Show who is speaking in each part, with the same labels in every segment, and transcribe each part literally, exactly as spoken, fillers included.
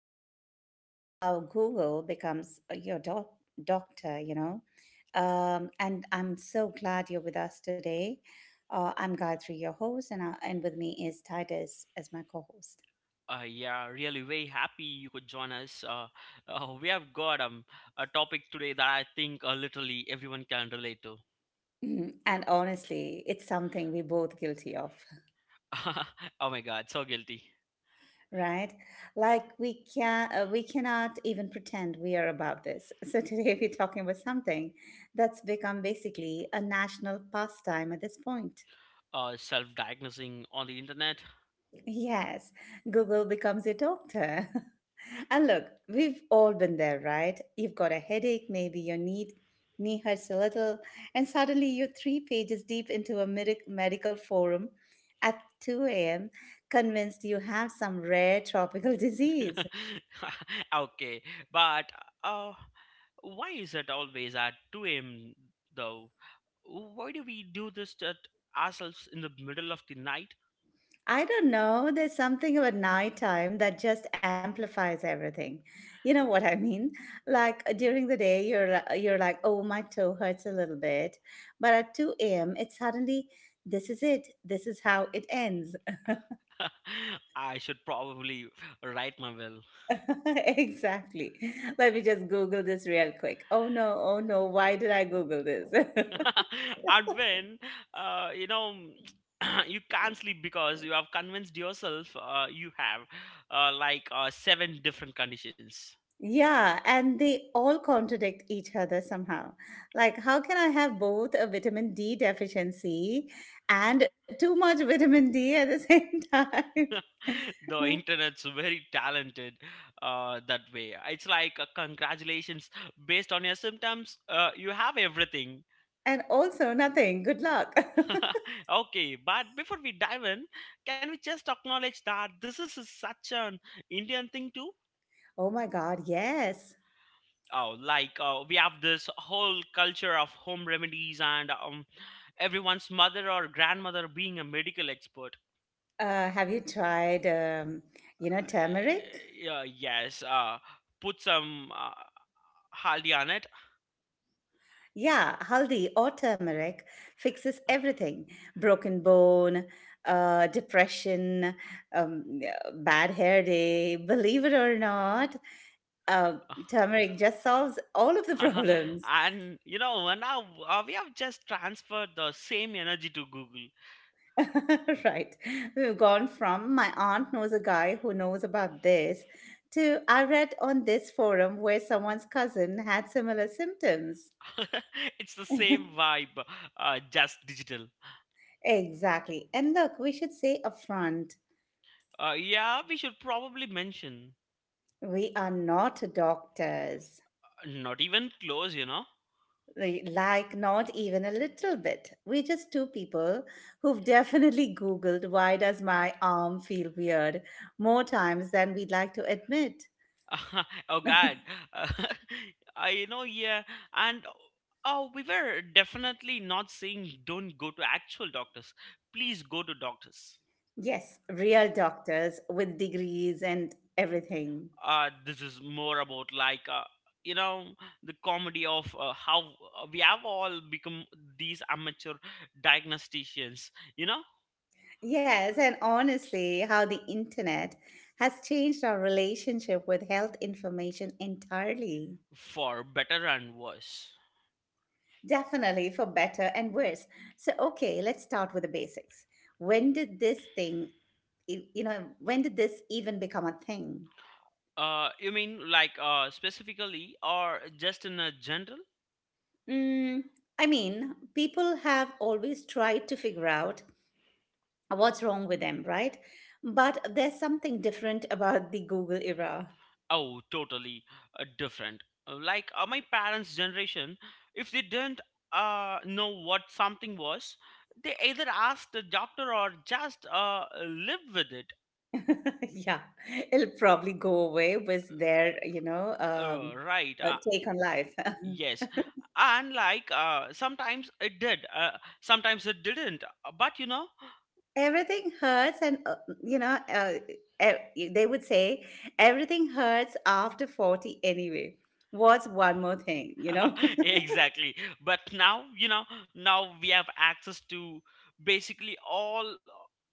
Speaker 1: about how Google becomes uh, your doc- doctor, you know. Um, and I'm so glad you're with us today. Uh, I'm Gayatri, your host, and, I, and with me is Titus as my co host.
Speaker 2: Uh, yeah, really very happy you could join us. Uh, uh, we have got um, a topic today that I think uh, literally everyone can relate to.
Speaker 1: And honestly, it's something we're both guilty of.
Speaker 2: Oh my god, so guilty.
Speaker 1: Right? Like we can uh, we cannot even pretend we are above this. So today we're talking about something that's become basically a national pastime at this point.
Speaker 2: Uh, self-diagnosing on the internet.
Speaker 1: Yes, Google becomes your doctor. And look, we've all been there, right? You've got a headache, maybe your knee knee hurts a little, and suddenly you're three pages deep into a medic- medical forum at two a m, convinced you have some rare tropical disease.
Speaker 2: Okay, but uh, why is it always at two a m though? Why do we do this to ourselves in the middle of the night?
Speaker 1: I don't know. There's something about nighttime that just amplifies everything. You know what I mean? Like uh, during the day, you're li- you're like, oh, my toe hurts a little bit, but at two a m, it's suddenly, this is it. This is how it ends.
Speaker 2: I should probably write my will.
Speaker 1: Exactly. Let me just Google this real quick. Oh no! Oh no! Why did I Google this?
Speaker 2: And when uh, you know you can't sleep because you have convinced yourself uh, you have uh, like uh, seven different conditions.
Speaker 1: Yeah, and they all contradict each other somehow. Like, how can I have both a vitamin D deficiency and too much vitamin D at the same time?
Speaker 2: The internet's very talented uh, that way. It's like uh, congratulations, based on your symptoms uh, you have everything.
Speaker 1: And also nothing. Good luck.
Speaker 2: Okay, but before we dive in, can we just acknowledge that this is such an Indian thing too?
Speaker 1: Oh my God, yes.
Speaker 2: Oh, like uh, we have this whole culture of home remedies, and um, everyone's mother or grandmother being a medical expert.
Speaker 1: Uh, have you tried, um, you know, turmeric?
Speaker 2: Uh, uh, yes, uh, put some uh, haldi on it.
Speaker 1: Yeah, haldi or turmeric fixes everything. Broken bone, uh, depression, um, yeah, bad hair day, believe it or not. Uh, Turmeric just solves all of the problems.
Speaker 2: And you know uh, now uh, we have just transferred the same energy to Google.
Speaker 1: Right. We've gone from my aunt knows a guy who knows about this to I read on this forum where someone's cousin had similar symptoms.
Speaker 2: It's the same vibe, uh, just digital.
Speaker 1: Exactly. And look, we should say upfront,
Speaker 2: Uh, yeah, we should probably mention.
Speaker 1: we are not doctors.
Speaker 2: Not even close, you know.
Speaker 1: We- Like, not even a little bit. We're just two people who've definitely Googled why does my arm feel weird more times than we'd like to admit.
Speaker 2: Oh God. Uh, I you know yeah, and oh, we were definitely not saying don't go to actual doctors. Please go to doctors.
Speaker 1: Yes, real doctors with degrees and everything.
Speaker 2: Uh, this is more about, like, uh, you know the comedy of uh, how uh, we have all become these amateur diagnosticians. You know,
Speaker 1: Yes, and honestly, how the internet has changed our relationship with health information entirely.
Speaker 2: for better and worse.
Speaker 1: Definitely for better and worse. So, okay, let's start with the basics. When did this thing, e- You know, when did this even become a thing?
Speaker 2: Uh, you mean, like, uh specifically or just in a general?
Speaker 1: Mm, I mean, people have always tried to figure out what's wrong with them, right? But there's something different about the Google era.
Speaker 2: Oh, totally uh, different. Uh, Like, uh, my parents' generation, if they didn't uh, know what something was, they either asked the doctor or just uh, live with it.
Speaker 1: Yeah, it'll probably go away with their, you know,
Speaker 2: Uh,
Speaker 1: um,
Speaker 2: right.
Speaker 1: uh,
Speaker 2: Uh,
Speaker 1: take on life.
Speaker 2: yes. And like, uh, sometimes it did, uh, sometimes it didn't. Uh, But you know,
Speaker 1: Everything hurts, and uh, you know, uh, e- they would say everything hurts after forty anyway. What's one more thing, you know?
Speaker 2: exactly, but now you know now we have access to basically all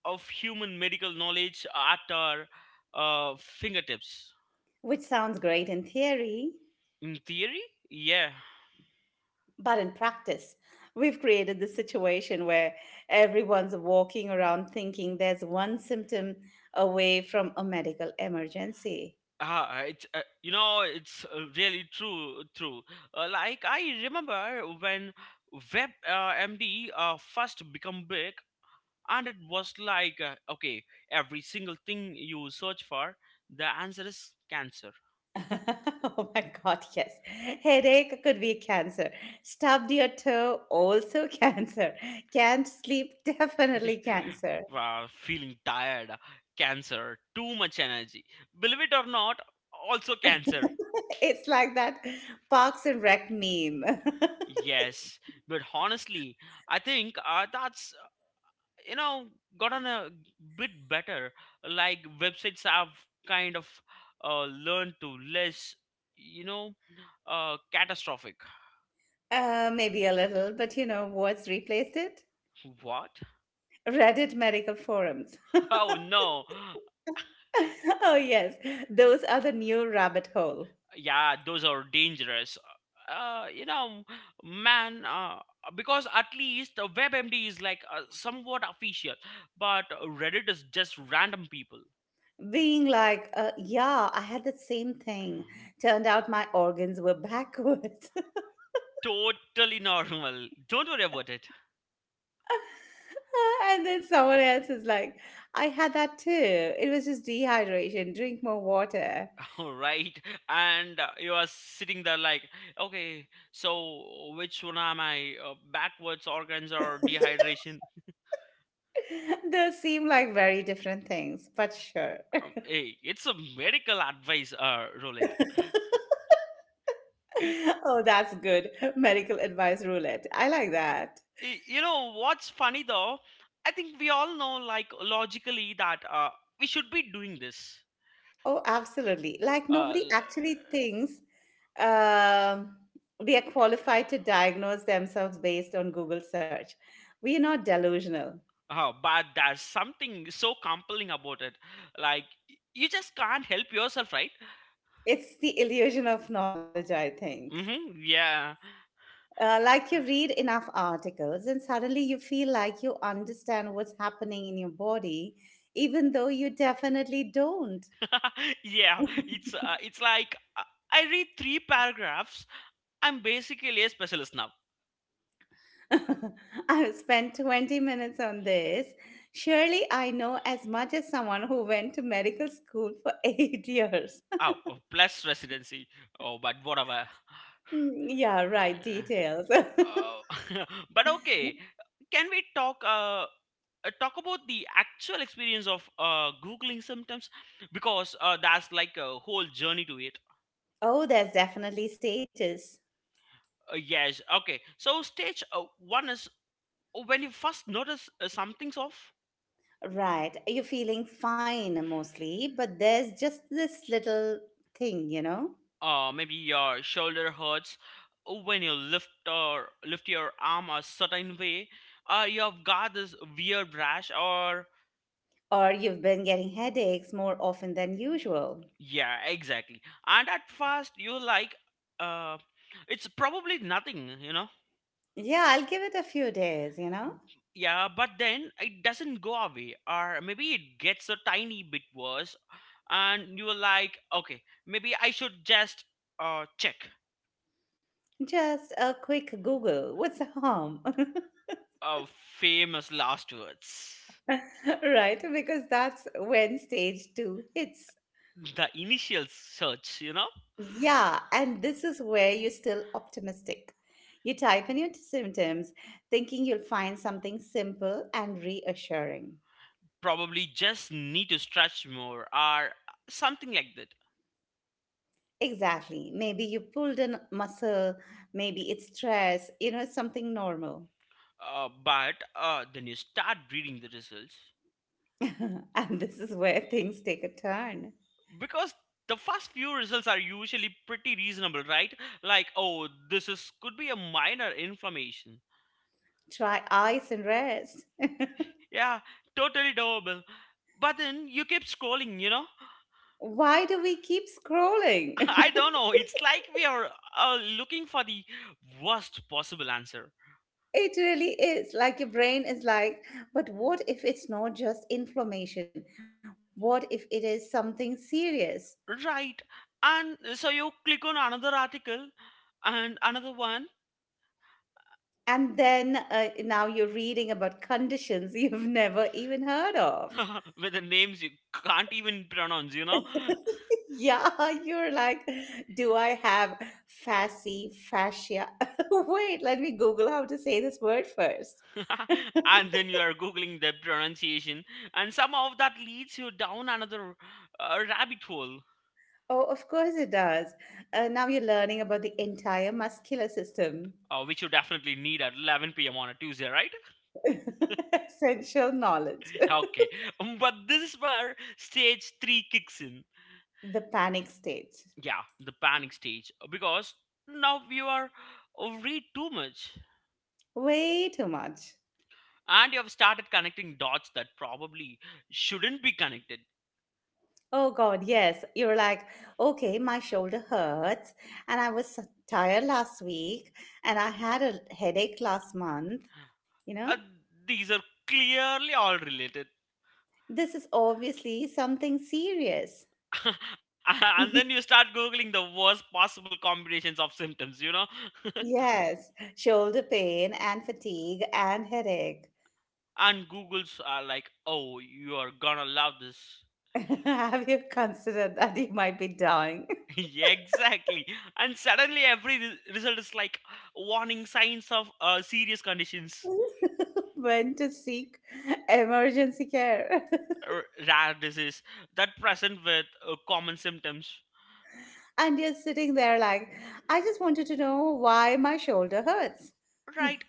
Speaker 2: of human medical knowledge at our uh, fingertips.
Speaker 1: Which sounds great in theory,
Speaker 2: In theory, yeah.
Speaker 1: but in practice, we've created this situation where everyone's walking around thinking there's one symptom away from a medical emergency.
Speaker 2: Ah, it's uh, you know it's uh, really true true, uh, like I remember when web uh, md uh, first become big, and it was like, uh, okay, every single thing you search for, the answer is cancer.
Speaker 1: Oh my God, yes. Headache could be cancer. Stubbed your toe, also cancer. Can't sleep, definitely cancer.
Speaker 2: Wow, feeling tired, cancer, too much energy. Believe it or not, also cancer.
Speaker 1: It's like that Parks and Rec meme.
Speaker 2: Yes, but honestly, I think uh, that's you know gotten a bit better. Like websites have kind of uh, learned to less, you know, uh, catastrophic.
Speaker 1: Uh, maybe a little, but you know what's replaced it?
Speaker 2: What?
Speaker 1: Reddit medical forums.
Speaker 2: Oh no!
Speaker 1: Oh, yes, those are the new rabbit hole.
Speaker 2: Yeah, those are dangerous, uh, you know man, uh, because at least uh, webmd is like uh, somewhat official, but uh, reddit is just random people.
Speaker 1: Being like, uh, yeah, I had the same thing. Turned out my organs were backwards.
Speaker 2: Totally normal, don't worry about it.
Speaker 1: And then someone else is like, I had that too. It was just dehydration. Drink more water.
Speaker 2: All right, and uh, you are sitting there like, okay, so which one am I, uh, backwards organs or dehydration?
Speaker 1: Those seem like very different things, but sure.
Speaker 2: Um, hey, it's a medical advice uh roulette.
Speaker 1: Oh, that's good. Medical advice roulette. I like that.
Speaker 2: Y- you know what's funny though? I think we all know, like, logically, that uh, we should be doing this.
Speaker 1: Oh, absolutely. Like
Speaker 2: uh,
Speaker 1: nobody
Speaker 2: l-
Speaker 1: actually thinks um they are qualified to diagnose themselves based on Google search. We are not delusional.
Speaker 2: uh, but there's something so compelling about it, like, y- you just can't help yourself, right?
Speaker 1: It's the illusion of knowledge, I think.
Speaker 2: Mm-hmm, yeah.
Speaker 1: Uh, like you read enough articles, and suddenly you feel like you understand what's happening in your body, even though you definitely don't.
Speaker 2: Yeah, it's uh, it's like, uh, I read three paragraphs, I'm basically a specialist now.
Speaker 1: I've spent twenty minutes on this. Surely I know as much as someone who went to medical school for eight years.
Speaker 2: Oh oh, plus residency. Oh, but whatever.
Speaker 1: Hmm, yeah, right, details.
Speaker 2: Uh, but okay, can we talk uh, uh, talk about the actual experience of uh, googling symptoms, because uh, that's like a whole journey to it.
Speaker 1: Oh, there's definitely stages.
Speaker 2: Uh, yes, okay. So stage uh, one is uh, when you first notice uh, something's off.
Speaker 1: Right, you're feeling fine mostly, but there's just this little thing, you know?
Speaker 2: Uh, maybe your shoulder hurts uh, when you lift or lift your arm a certain way. Uh, you've got this weird rash, or...
Speaker 1: Or you've been getting headaches more often than usual.
Speaker 2: Yeah, exactly. And at first, you're like, uh, it's probably nothing, you know?
Speaker 1: Yeah, I'll give it a few days, you know?
Speaker 2: Yeah, but then it doesn't go away, or maybe it gets a tiny bit worse, and you're like, okay, maybe I should just uh, check.
Speaker 1: Just a quick Google. What's the harm?
Speaker 2: Uh, Famous last words.
Speaker 1: Right, because that's when stage two hits.
Speaker 2: The initial search, you know?
Speaker 1: Yeah, and this is where you're still optimistic. You type in your t- symptoms, thinking you'll find something simple and reassuring.
Speaker 2: Probably just need to stretch more, or something like that.
Speaker 1: Exactly. Maybe you pulled a muscle, maybe it's stress, you know, something normal.
Speaker 2: Uh, but uh, then you start reading the results,
Speaker 1: And this is where things take a turn.
Speaker 2: because the first few results are usually pretty reasonable, right? Like, oh, this is could be a minor inflammation.
Speaker 1: Try ice and rest.
Speaker 2: Yeah, totally doable. But then you keep scrolling, you know?
Speaker 1: Why do we keep scrolling?
Speaker 2: I don't know, it's like we are uh, looking for the worst possible answer.
Speaker 1: It really is. Like your brain is like, but what if it's not just inflammation? What if it is something serious?
Speaker 2: Right, and so you click on another article, and another one.
Speaker 1: And then uh, now you're reading about conditions you've never even heard of.
Speaker 2: With the names you can't even pronounce, you know?
Speaker 1: Yeah, you're like, do I have fasci, fascia? Wait, let me Google how to say this word first.
Speaker 2: And then you are googling the pronunciation, and somehow that leads you down another uh, rabbit hole.
Speaker 1: Oh, of course it does. Uh, now you're learning about the entire muscular system.
Speaker 2: Uh, which you definitely need at eleven p m on a Tuesday, right?
Speaker 1: Essential knowledge.
Speaker 2: Okay. Um, but this is where stage three kicks in.
Speaker 1: The panic stage.
Speaker 2: Yeah, the panic stage, because now you are uh, read too much,
Speaker 1: Way too much.
Speaker 2: and you have started connecting dots that probably shouldn't be connected.
Speaker 1: Oh God, yes. You're like, okay, my shoulder hurts, and I was so tired last week, and I had a headache last month. You
Speaker 2: uh,
Speaker 1: know,
Speaker 2: these are clearly all related.
Speaker 1: this is obviously something serious.
Speaker 2: And then you start googling the worst possible combinations of symptoms, you know?
Speaker 1: Yes, shoulder pain and fatigue and headache.
Speaker 2: And Google's are like, oh, you are gonna love this.
Speaker 1: Have you considered that you might be dying?
Speaker 2: Yeah, exactly. And suddenly every re- result is like warning signs of uh, serious conditions,
Speaker 1: When to seek emergency care?
Speaker 2: r- rare disease that present with uh, common symptoms.
Speaker 1: And you're sitting there like, I just wanted to know why my shoulder hurts.
Speaker 2: Right?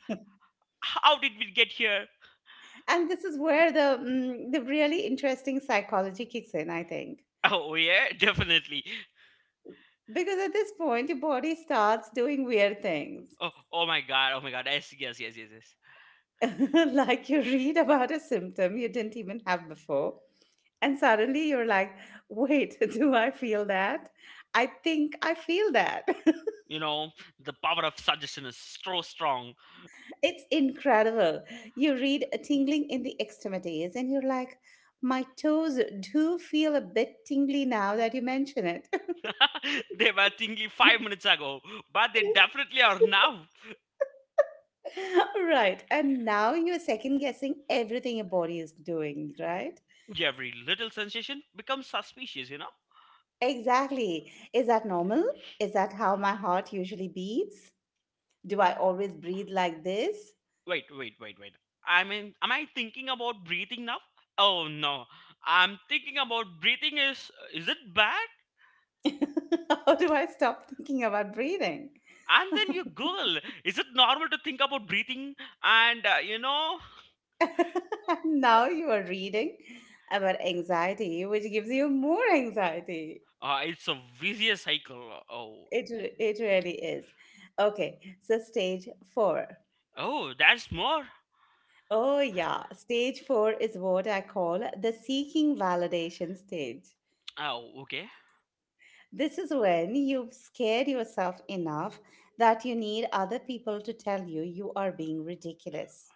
Speaker 2: How did we get here?
Speaker 1: And this is where the, mm, the really interesting psychology kicks in, I think.
Speaker 2: Oh, yeah, definitely.
Speaker 1: Because at this point, your body starts doing weird things.
Speaker 2: Oh, oh my god, oh my god. Yes, yes, yes, yes, yes.
Speaker 1: Like you read about a symptom you didn't even have before. And suddenly you're like, wait, do I feel that? I think I feel that.
Speaker 2: You know, the power of suggestion is so strong.
Speaker 1: It's incredible. You read a tingling in the extremities, and you're like, my toes do feel a bit tingly now that you mention it.
Speaker 2: They were tingly five minutes ago, but they definitely are now.
Speaker 1: Right. And now you're second guessing everything your body is doing, right?
Speaker 2: Every little sensation becomes suspicious, you know?
Speaker 1: Exactly. Is that normal? Is that how my heart usually beats? Do I always breathe like this?
Speaker 2: Wait, wait, wait, wait. I mean, am I thinking about breathing now? Oh no, I'm thinking about breathing is. Is it bad?
Speaker 1: How do I stop thinking about breathing?
Speaker 2: And then you Google, is it normal to think about breathing? And uh, you know,
Speaker 1: Now you are reading about anxiety, which gives you more anxiety.
Speaker 2: uh, it's a vicious cycle. Oh,
Speaker 1: It re- it really is. Okay, so stage four.
Speaker 2: oh, that's more.
Speaker 1: Oh yeah, stage four is what I call the seeking validation stage.
Speaker 2: Oh, okay.
Speaker 1: This is when you've scared yourself enough that you need other people to tell you you are being ridiculous.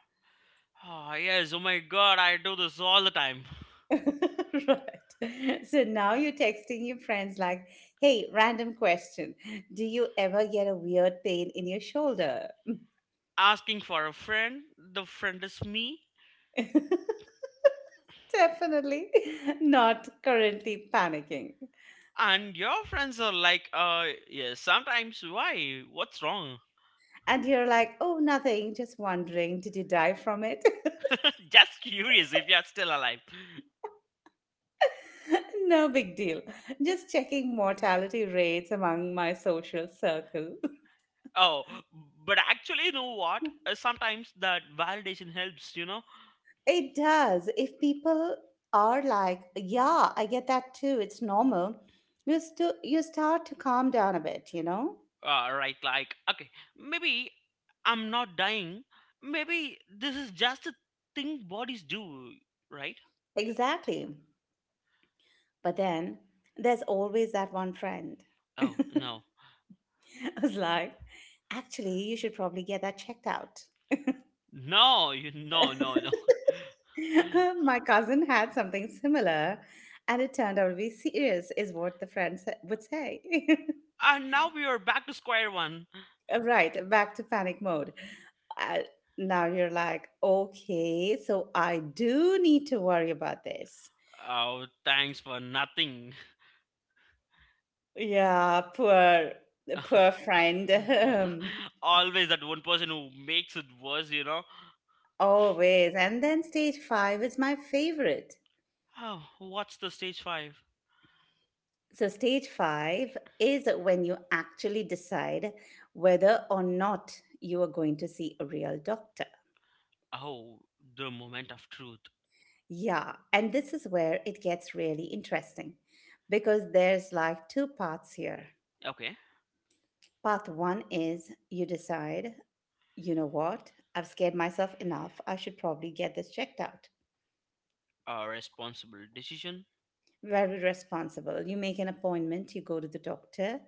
Speaker 2: Ah yes, oh my god, I do this all the time.
Speaker 1: Right. So now you're texting your friends like, "Hey, random question. Do you ever get a weird pain in your shoulder?"
Speaker 2: Asking for a friend. The friend is me.
Speaker 1: Definitely not currently panicking.
Speaker 2: And your friends are like, uh yeah, sometimes, why, what's wrong?
Speaker 1: And you're like, oh, nothing, just wondering, did you die from it?
Speaker 2: Just curious if you're still alive.
Speaker 1: No big deal. Just checking mortality rates among my social circle.
Speaker 2: Oh, but actually, you know what? Uh, sometimes that validation helps, you know?
Speaker 1: It does. If people are like, yeah, I get that too, it's normal, you, st- you start to calm down a bit, you know?
Speaker 2: Uh, right, like, okay, maybe I'm not dying. Maybe this is just a thing bodies do, right?
Speaker 1: Exactly. But then there's always that one friend
Speaker 2: Oh no.
Speaker 1: who's like, actually, you should probably get that checked out.
Speaker 2: No. You, no, no, no.
Speaker 1: My cousin had something similar, and it turned out to be serious, is what the friends would say.
Speaker 2: And now we are back to square one.
Speaker 1: Right, back to panic mode. Uh, now you're like, okay, so I do need to worry about this.
Speaker 2: Oh, thanks for nothing.
Speaker 1: Yeah, poor, poor friend. Um,
Speaker 2: Always that one person who makes it worse, you know.
Speaker 1: always. And then stage five is my favorite.
Speaker 2: Oh, what's the stage five?
Speaker 1: So, stage five is when you actually decide whether or not you are going to see a real doctor.
Speaker 2: Oh, the moment of truth.
Speaker 1: Yeah, and this is where it gets really interesting because there's like two parts here.
Speaker 2: Okay.
Speaker 1: Part one is you decide, you know what, I've scared myself enough, I should probably get this checked out.
Speaker 2: A responsible decision.
Speaker 1: Very responsible. You make an appointment, you go to the doctor,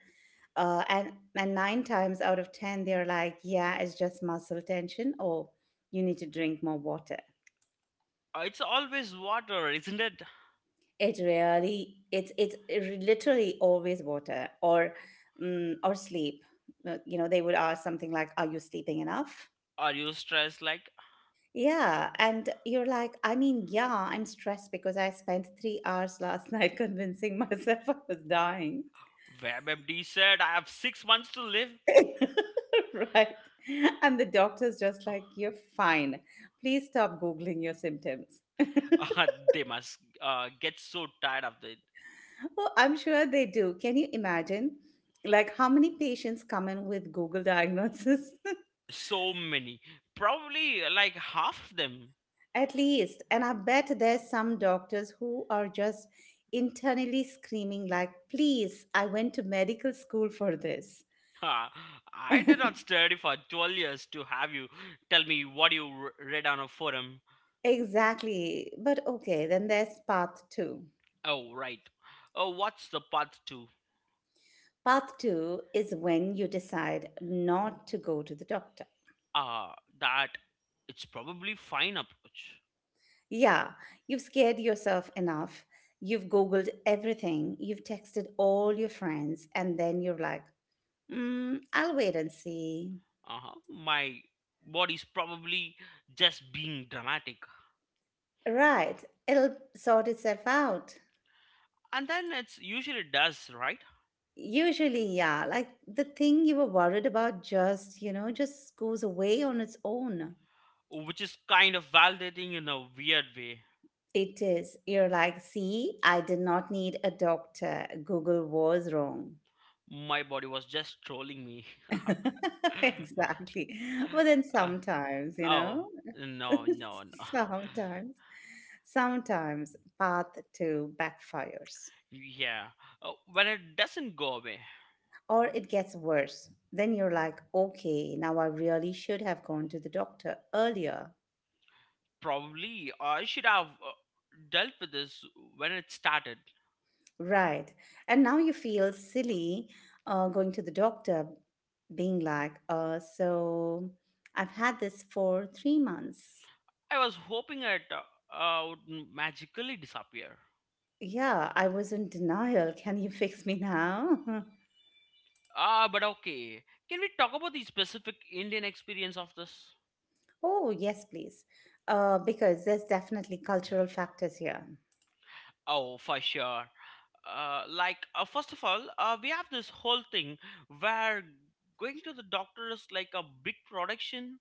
Speaker 1: uh, and and nine times out of ten they're like, yeah, it's just muscle tension, or you need to drink more water.
Speaker 2: Uh, It's always water, isn't it?
Speaker 1: It really it's it's literally always water or um, or sleep. Uh, You know, they would ask something like, "Are you sleeping enough?"
Speaker 2: Are you stressed? Like,
Speaker 1: Yeah, and you're like, I mean, yeah, I'm stressed because I spent three hours last night convincing myself I was dying.
Speaker 2: WebMD said, I have six months to live.
Speaker 1: Right. And the doctor's just like, you're fine. Please stop Googling your symptoms.
Speaker 2: Uh, they must uh, get so tired of it.
Speaker 1: Well, I'm sure they do. Can you imagine? Like, how many patients come in with Google diagnosis?
Speaker 2: So many. Probably like half of them.
Speaker 1: At least, and I bet there's some doctors who are just internally screaming, like, please, I went to medical school for this.
Speaker 2: Ha, I did not study for twelve years to have you tell me what you r- read on a forum.
Speaker 1: Exactly. But okay, then there's path two.
Speaker 2: Oh, right. Oh, what's the path to?
Speaker 1: Path two is when you decide not to go to the doctor.
Speaker 2: Ah, that it's probably fine approach.
Speaker 1: Yeah, you've scared yourself enough. You've Googled everything. You've texted all your friends. And then you're like, mm, I'll wait and see.
Speaker 2: Uh-huh. My body's probably just being dramatic.
Speaker 1: Right. It'll sort itself out.
Speaker 2: And then it's usually does, right?
Speaker 1: Usually, yeah, like the thing you were worried about just, you know, just goes away on its own.
Speaker 2: Which is kind of validating in a weird way.
Speaker 1: It is. You're like, see, I did not need a doctor. Google was wrong.
Speaker 2: My body was just trolling me.
Speaker 1: Exactly. But then
Speaker 2: Uh,
Speaker 1: sometimes, you
Speaker 2: oh,
Speaker 1: know,
Speaker 2: no, no, no.
Speaker 1: sometimes, sometimes path to backfires
Speaker 2: Yeah, uh, when it doesn't go away.
Speaker 1: or it gets worse. Then you're like, okay, now I really should have gone to the doctor earlier.
Speaker 2: Probably I should have uh, dealt with this when it started.
Speaker 1: Right. And now you feel silly uh, going to the doctor, being like, uh, so I've had this for three months.
Speaker 2: I was hoping it uh, uh, would magically disappear.
Speaker 1: Yeah, I was in denial. Can you fix me now?
Speaker 2: Ah, but okay. Can we talk about the specific Indian experience of this?
Speaker 1: Oh, yes, please. Uh, because there's definitely cultural factors here.
Speaker 2: Oh, for sure. Uh, like, uh, first of all, uh, we have this whole thing where going to the doctor is like a big production.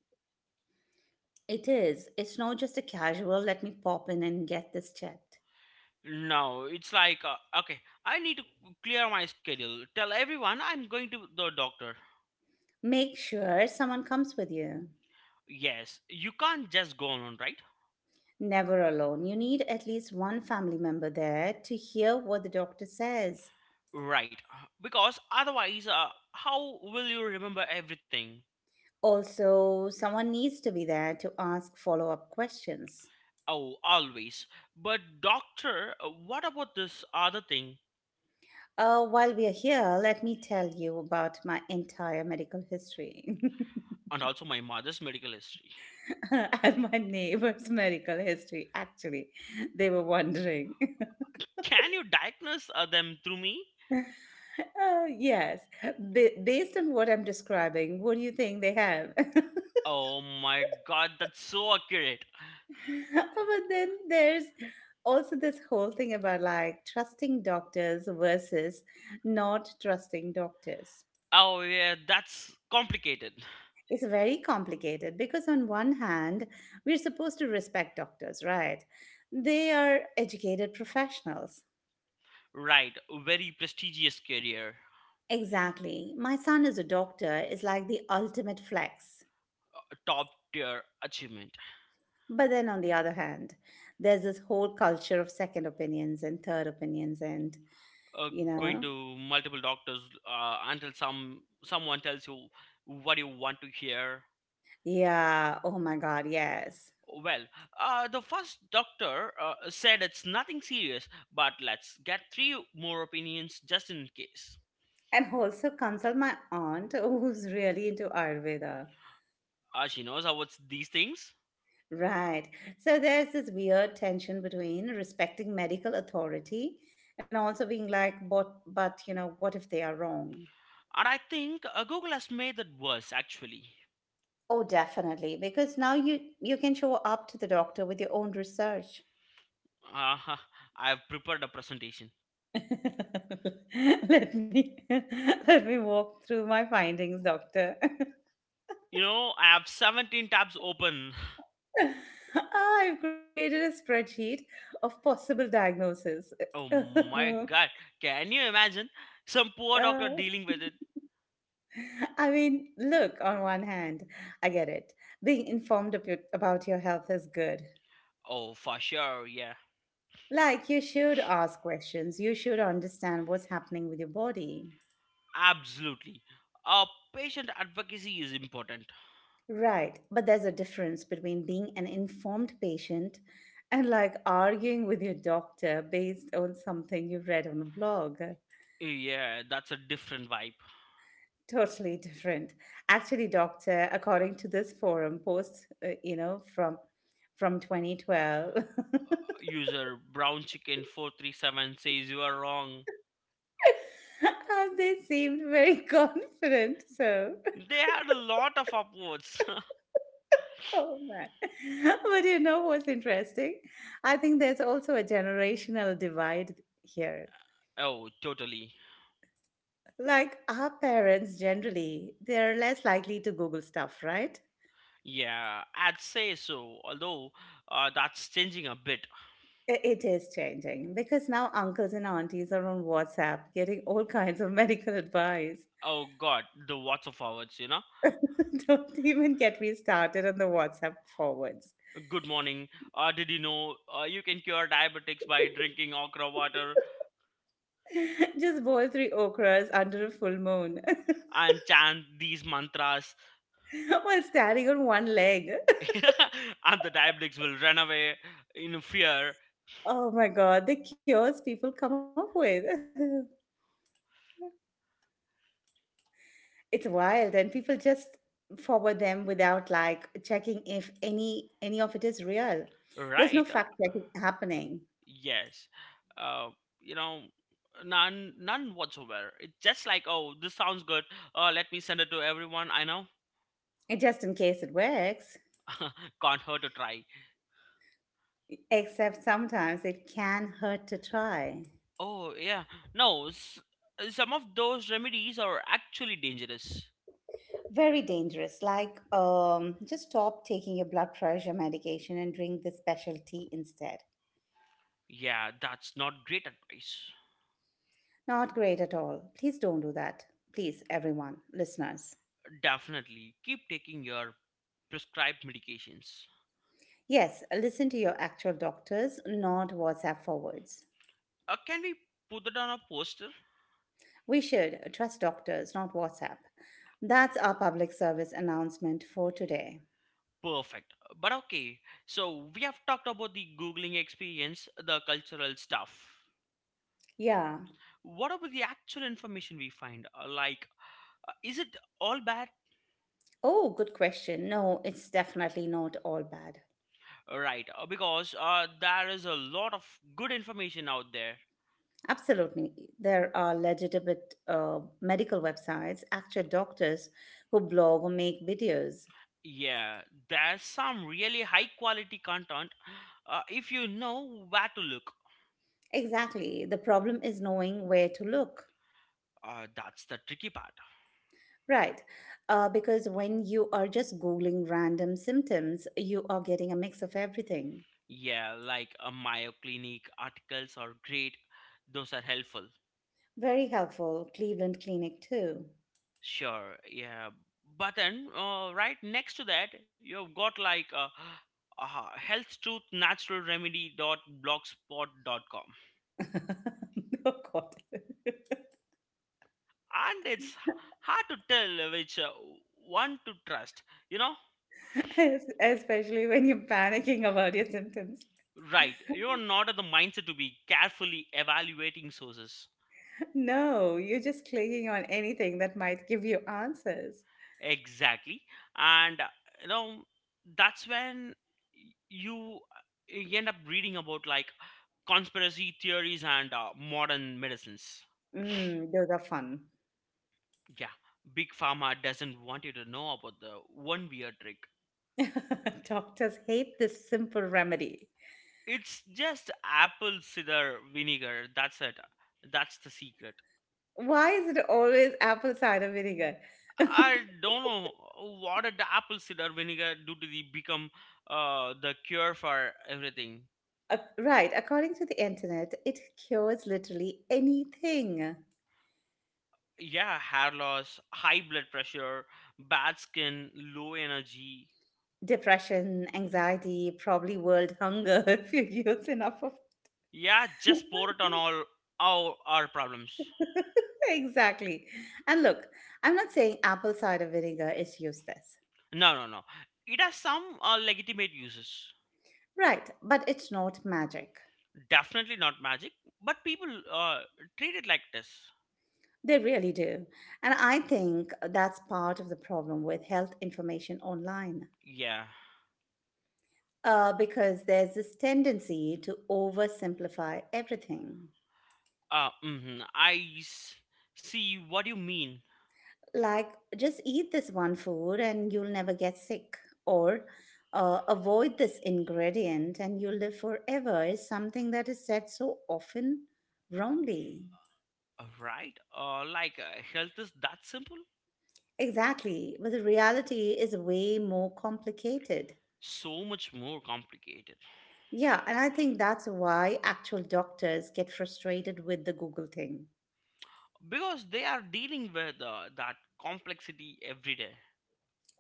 Speaker 1: It is. It's not just a casual, let me pop in and get this checked.
Speaker 2: No, it's like, uh, okay, I need to clear my schedule. Tell everyone I'm going to the doctor.
Speaker 1: Make sure someone comes with you.
Speaker 2: Yes, you can't just go on, right?
Speaker 1: Never alone. You need at least one family member there to hear what the doctor says.
Speaker 2: Right, uh, because otherwise, uh, how will you remember everything?
Speaker 1: Also, someone needs to be there to ask follow up questions.
Speaker 2: Oh, always. But doctor, uh, what about this other thing?
Speaker 1: Uh, while we are here, let me tell you about my entire medical history
Speaker 2: And also my mother's medical history.
Speaker 1: and my neighbor's medical history. Actually, they were wondering.
Speaker 2: Can you diagnose uh, them through me?
Speaker 1: Uh, yes, ba- based on what I'm describing, what do you think they have? Oh,
Speaker 2: Oh my god, that's so accurate.
Speaker 1: but then there's also this whole thing about like trusting doctors versus not trusting doctors.
Speaker 2: Oh yeah, that's complicated.
Speaker 1: It's very complicated because, on one hand, we're supposed to respect doctors, right? They are educated professionals.
Speaker 2: Right, very prestigious career.
Speaker 1: Exactly. My son is a doctor is like the ultimate flex.
Speaker 2: Top tier achievement.
Speaker 1: But then, on the other hand, there's this whole culture of second opinions and third opinions, and
Speaker 2: Uh,
Speaker 1: you
Speaker 2: Going
Speaker 1: know,
Speaker 2: to multiple doctors uh, until some someone tells you what you want to hear.
Speaker 1: yeah, oh my God, yes.
Speaker 2: Well, uh, the first doctor uh, said it's nothing serious, but let's get three more opinions just in case.
Speaker 1: And also consult my aunt who's really into Ayurveda.
Speaker 2: Uh, she knows how it's these things,
Speaker 1: Right. So there's this weird tension between respecting medical authority and also being like, but but you know, what if they are wrong?
Speaker 2: and I think uh, Google has made that worse actually.
Speaker 1: Oh, definitely, because now you you can show up to the doctor with your own research.
Speaker 2: Uh, I've prepared a presentation.
Speaker 1: Let me let me walk through my findings, doctor.
Speaker 2: You know, I have seventeen tabs open.
Speaker 1: I've created a spreadsheet of possible diagnoses.
Speaker 2: Oh my god, can you imagine? Some poor doctor
Speaker 1: Uh,
Speaker 2: dealing with it?
Speaker 1: I mean, look, on one hand, I get it. Being informed ab- about your health is good.
Speaker 2: Oh, for sure, yeah,
Speaker 1: Like, you should ask questions, you should understand what's happening with your body.
Speaker 2: absolutely. Uh, Patient advocacy is important.
Speaker 1: Right, but there's a difference between being an informed patient and like arguing with your doctor based on something you read on a blog.
Speaker 2: Yeah, that's a different vibe.
Speaker 1: Totally different. Actually, doctor, according to this forum post, uh, you know, from from twenty twelve.
Speaker 2: User Brown Chicken four three seven says you are wrong.
Speaker 1: And they seemed very confident. So,
Speaker 2: They had a lot of upwards.
Speaker 1: oh man. But you know what's interesting? I think there's also a generational divide here.
Speaker 2: Oh, totally.
Speaker 1: Like our parents generally, they're less likely to Google stuff, right?
Speaker 2: Yeah, I'd say so, although uh, that's changing a bit.
Speaker 1: I- It is changing because now uncles and aunties are on WhatsApp getting all kinds of medical advice.
Speaker 2: Oh god, the watts of hours, you know?
Speaker 1: Don't even get me started on the WhatsApp forwards.
Speaker 2: Good morning. Uh, did you know uh, you can cure diabetics by drinking okra water
Speaker 1: Just boil three okras under a full moon
Speaker 2: and chant these mantras?
Speaker 1: while standing on one leg.
Speaker 2: And the diabetics will run away in fear,
Speaker 1: Oh my god, the cures people come up with. It's wild and people just forward them without like checking if any any of it is real. There's
Speaker 2: right?
Speaker 1: no fact checking happening.
Speaker 2: Yes. Uh, you know, none, none whatsoever. It's just like, oh, this sounds good. Uh, let me send it to everyone I know.
Speaker 1: It just in case it works.
Speaker 2: Can't hurt to try.
Speaker 1: Except sometimes it can hurt to try.
Speaker 2: Oh, yeah. No, s- Some of those remedies are actually dangerous.
Speaker 1: Very dangerous. Like um just stop taking your blood pressure medication and drink the special tea instead.
Speaker 2: Yeah, that's not great advice.
Speaker 1: Not great at all. Please don't do that. Please, everyone, listeners.
Speaker 2: Definitely keep taking your prescribed medications.
Speaker 1: Yes, listen to your actual doctors, not WhatsApp forwards.
Speaker 2: Uh, can we put it on a poster?
Speaker 1: We should trust doctors, not WhatsApp. That's our public service announcement for today.
Speaker 2: Perfect. But okay, so we have talked about the Googling experience, the cultural stuff.
Speaker 1: Yeah.
Speaker 2: What about the actual information we find? Uh, like, uh, is it all bad?
Speaker 1: Oh, good question. No, it's definitely not all bad.
Speaker 2: Uh, Right, uh, because uh, there is a lot of good information out there.
Speaker 1: Absolutely. There are legitimate uh, medical websites, actual doctors who blog or make videos.
Speaker 2: Yeah, there's some really high quality content uh, if you know where to look.
Speaker 1: Exactly. The problem is knowing where to look.
Speaker 2: Uh, that's the tricky part.
Speaker 1: Right. Uh, because when you are just Googling random symptoms, you are getting a mix of everything.
Speaker 2: Yeah, like a Mayo Clinic articles are great. Those are helpful.
Speaker 1: Very helpful. Cleveland Clinic, too.
Speaker 2: Sure, yeah. But then, uh, right next to that, you've got like uh, uh, health truth natural remedy dot blogspot dot com,
Speaker 1: Oh, God.
Speaker 2: and it's hard to tell which uh, one to trust. You know,
Speaker 1: Es- Especially when you're panicking about your symptoms.
Speaker 2: right? You're not at the mindset to be carefully evaluating sources.
Speaker 1: No, you're just clicking on anything that might give you answers.
Speaker 2: Exactly. And uh, you know that's when y- you uh, you end up reading about like conspiracy theories and uh, modern medicines.
Speaker 1: Mm, those are fun.
Speaker 2: Yeah, big pharma doesn't want you to know about the one weird trick.
Speaker 1: Doctors hate this simple remedy.
Speaker 2: It's just apple cider vinegar. That's it. That's the secret.
Speaker 1: Why is it always apple cider vinegar?
Speaker 2: I don't know what did the apple cider vinegar do to the become uh, the cure for everything.
Speaker 1: Uh, Right, according to the internet, it cures literally anything.
Speaker 2: Yeah, hair loss, high blood pressure, bad skin, low energy.
Speaker 1: Depression, anxiety, probably world hunger if you use enough of.
Speaker 2: Yeah, just pour it on all our, our problems.
Speaker 1: Exactly. And look, I'm not saying apple cider vinegar is useless.
Speaker 2: No, no, no. It has some uh, legitimate uses.
Speaker 1: Right, but it's not magic.
Speaker 2: Definitely not magic, but people uh, treat it like this.
Speaker 1: They really do. And I think that's part of the problem with health information online.
Speaker 2: Yeah.
Speaker 1: Uh, because there's this tendency to oversimplify everything.
Speaker 2: Uh, mhm, I s- see what you mean.
Speaker 1: Like, just eat this one food and you'll never get sick. Or uh, avoid this ingredient and you'll live forever is something that is said so often wrongly.
Speaker 2: Uh, Right? Uh, like, uh, health is that simple?
Speaker 1: Exactly. But the reality is way more complicated.
Speaker 2: So much more complicated.
Speaker 1: Yeah, and I think that's why actual doctors get frustrated with the Google thing.
Speaker 2: Because they are dealing with uh, that complexity every day.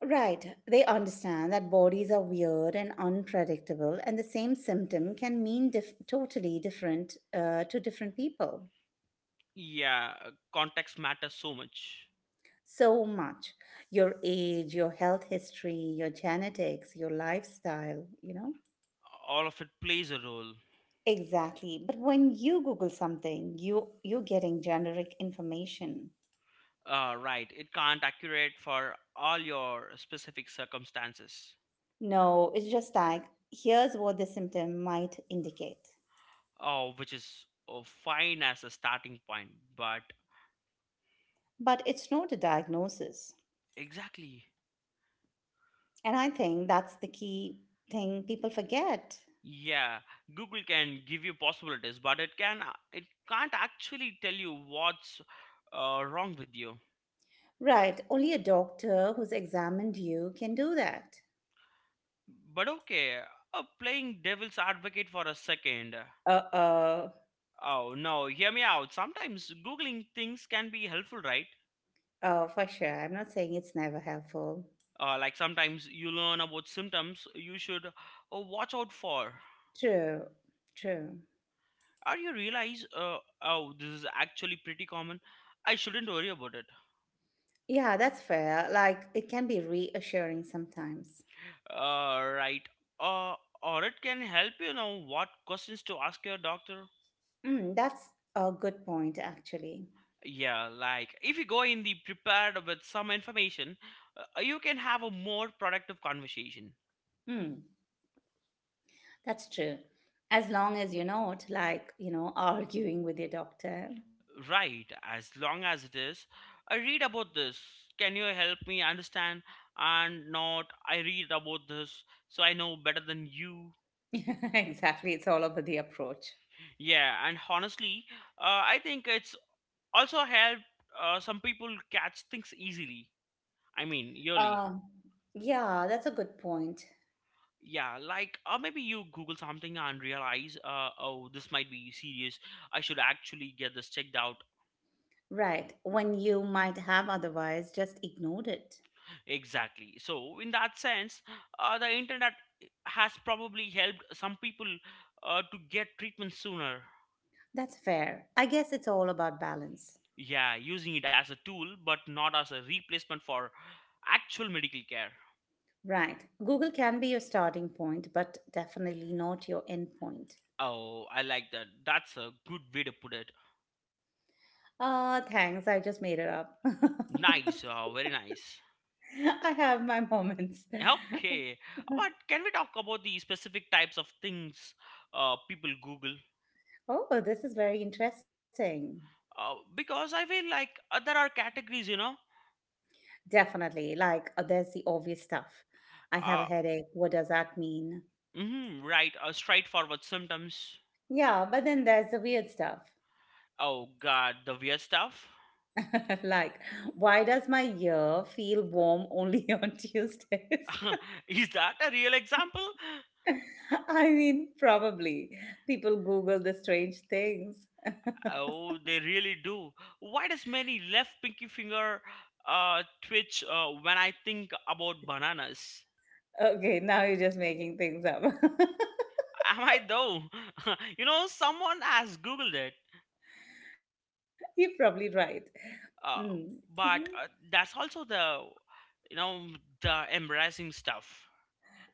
Speaker 1: Right. They understand that bodies are weird and unpredictable, and the same symptom can mean dif- totally different uh, to different people.
Speaker 2: Yeah, uh, context matters so much.
Speaker 1: So much. Your age, your health history, your genetics, your lifestyle, you know?
Speaker 2: All of it plays a role.
Speaker 1: Exactly. But when you Google something, you, you're getting generic information.
Speaker 2: Uh, right, it can't accurate for all your specific circumstances,
Speaker 1: No, it's just like, here's what the symptom might indicate.
Speaker 2: oh, which is oh, fine as a starting point. But
Speaker 1: But it's not a diagnosis.
Speaker 2: exactly,
Speaker 1: And I think that's the key thing people forget.
Speaker 2: yeah, Google can give you possibilities, but it can uh, it can't actually tell you what's uh, wrong with you.
Speaker 1: Right, only a doctor who's examined you can do that.
Speaker 2: But okay, uh, playing devil's advocate for a second. Uh,
Speaker 1: Uh oh.
Speaker 2: Oh no, hear me out. Sometimes Googling things can be helpful, right?
Speaker 1: Oh, for sure. I'm not saying it's never helpful.
Speaker 2: Uh, like sometimes you learn about symptoms you should uh, watch out for.
Speaker 1: True, true.
Speaker 2: Or you realize, uh, oh, this is actually pretty common. I shouldn't worry about it.
Speaker 1: Yeah, that's fair. Like, it can be reassuring sometimes.
Speaker 2: Uh, right. Uh, or it can help you know what questions to ask your doctor.
Speaker 1: Mm, that's a good point, actually.
Speaker 2: Yeah, like if you go in the prepared with some information, uh, you can have a more productive conversation.
Speaker 1: Mm, that's true. As long as you're not, like, you know, arguing with your doctor.
Speaker 2: Right, as long as it is. I read about this. Can you help me understand? And not, I read about this, so I know better than you.
Speaker 1: Exactly. It's all about the approach.
Speaker 2: Yeah, and honestly, uh, I think it's also helped uh, some people catch things easily. I mean, yearly.
Speaker 1: Uh, yeah, that's a good point.
Speaker 2: Yeah, like, or maybe you Google something and realize, uh, oh, this might be serious. I should actually get this checked out.
Speaker 1: Right. When you might have otherwise just ignored it.
Speaker 2: Exactly. So, in that sense, uh, the internet has probably helped some people uh, to get treatment sooner.
Speaker 1: That's fair. I guess it's all about balance.
Speaker 2: Yeah, using it as a tool, but not as a replacement for actual medical care.
Speaker 1: Right. Google can be your starting point, but definitely not your end point.
Speaker 2: Oh, I like that. That's a good way to put it.
Speaker 1: Ah, thanks. I just made it up.
Speaker 2: Nice, uh, very nice.
Speaker 1: I have my moments.
Speaker 2: Okay, but can we talk about the specific types of things uh, people Google?
Speaker 1: Oh, this is very interesting.
Speaker 2: Uh, because I feel like uh, there are categories, you know.
Speaker 1: Definitely. Like, uh, there's the obvious stuff. I have a
Speaker 2: Uh,
Speaker 1: headache. What does that mean?
Speaker 2: hmm right. Uh, Straightforward symptoms.
Speaker 1: Yeah, but then there's the weird stuff.
Speaker 2: Oh god, the weird stuff.
Speaker 1: Like, why does my ear feel warm only on Tuesdays?
Speaker 2: Is that a real example?
Speaker 1: I mean, probably people Google the strange things.
Speaker 2: Oh, they really do. Why does many left pinky finger uh, twitch uh, when I think about bananas?
Speaker 1: Okay, now you're just making things up.
Speaker 2: Am I though? You know, someone has googled it.
Speaker 1: You're probably right.
Speaker 2: Uh,
Speaker 1: Mm.
Speaker 2: but uh, that's also the you know the embarrassing stuff.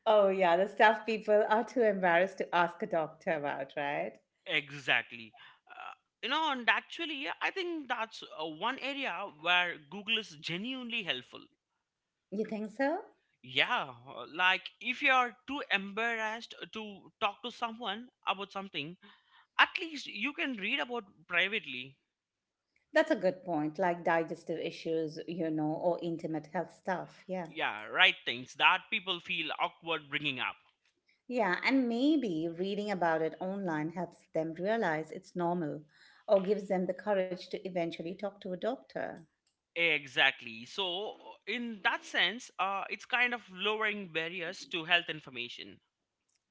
Speaker 1: Oh, yeah, the stuff people are too embarrassed to ask a doctor about, right?
Speaker 2: Exactly. Uh, you know, and actually, yeah, I think that's uh, one area where Google is genuinely helpful.
Speaker 1: You think so?
Speaker 2: Yeah, uh, like if you are too embarrassed to talk to someone about something, at least you can read about privately.
Speaker 1: That's a good point, like digestive issues, you know, or intimate health stuff. Yeah.
Speaker 2: Yeah, right things that people feel awkward bringing up.
Speaker 1: Yeah, and maybe reading about it online helps them realize it's normal or gives them the courage to eventually talk to a doctor.
Speaker 2: Exactly. So, in that sense, uh, it's kind of lowering barriers to health information.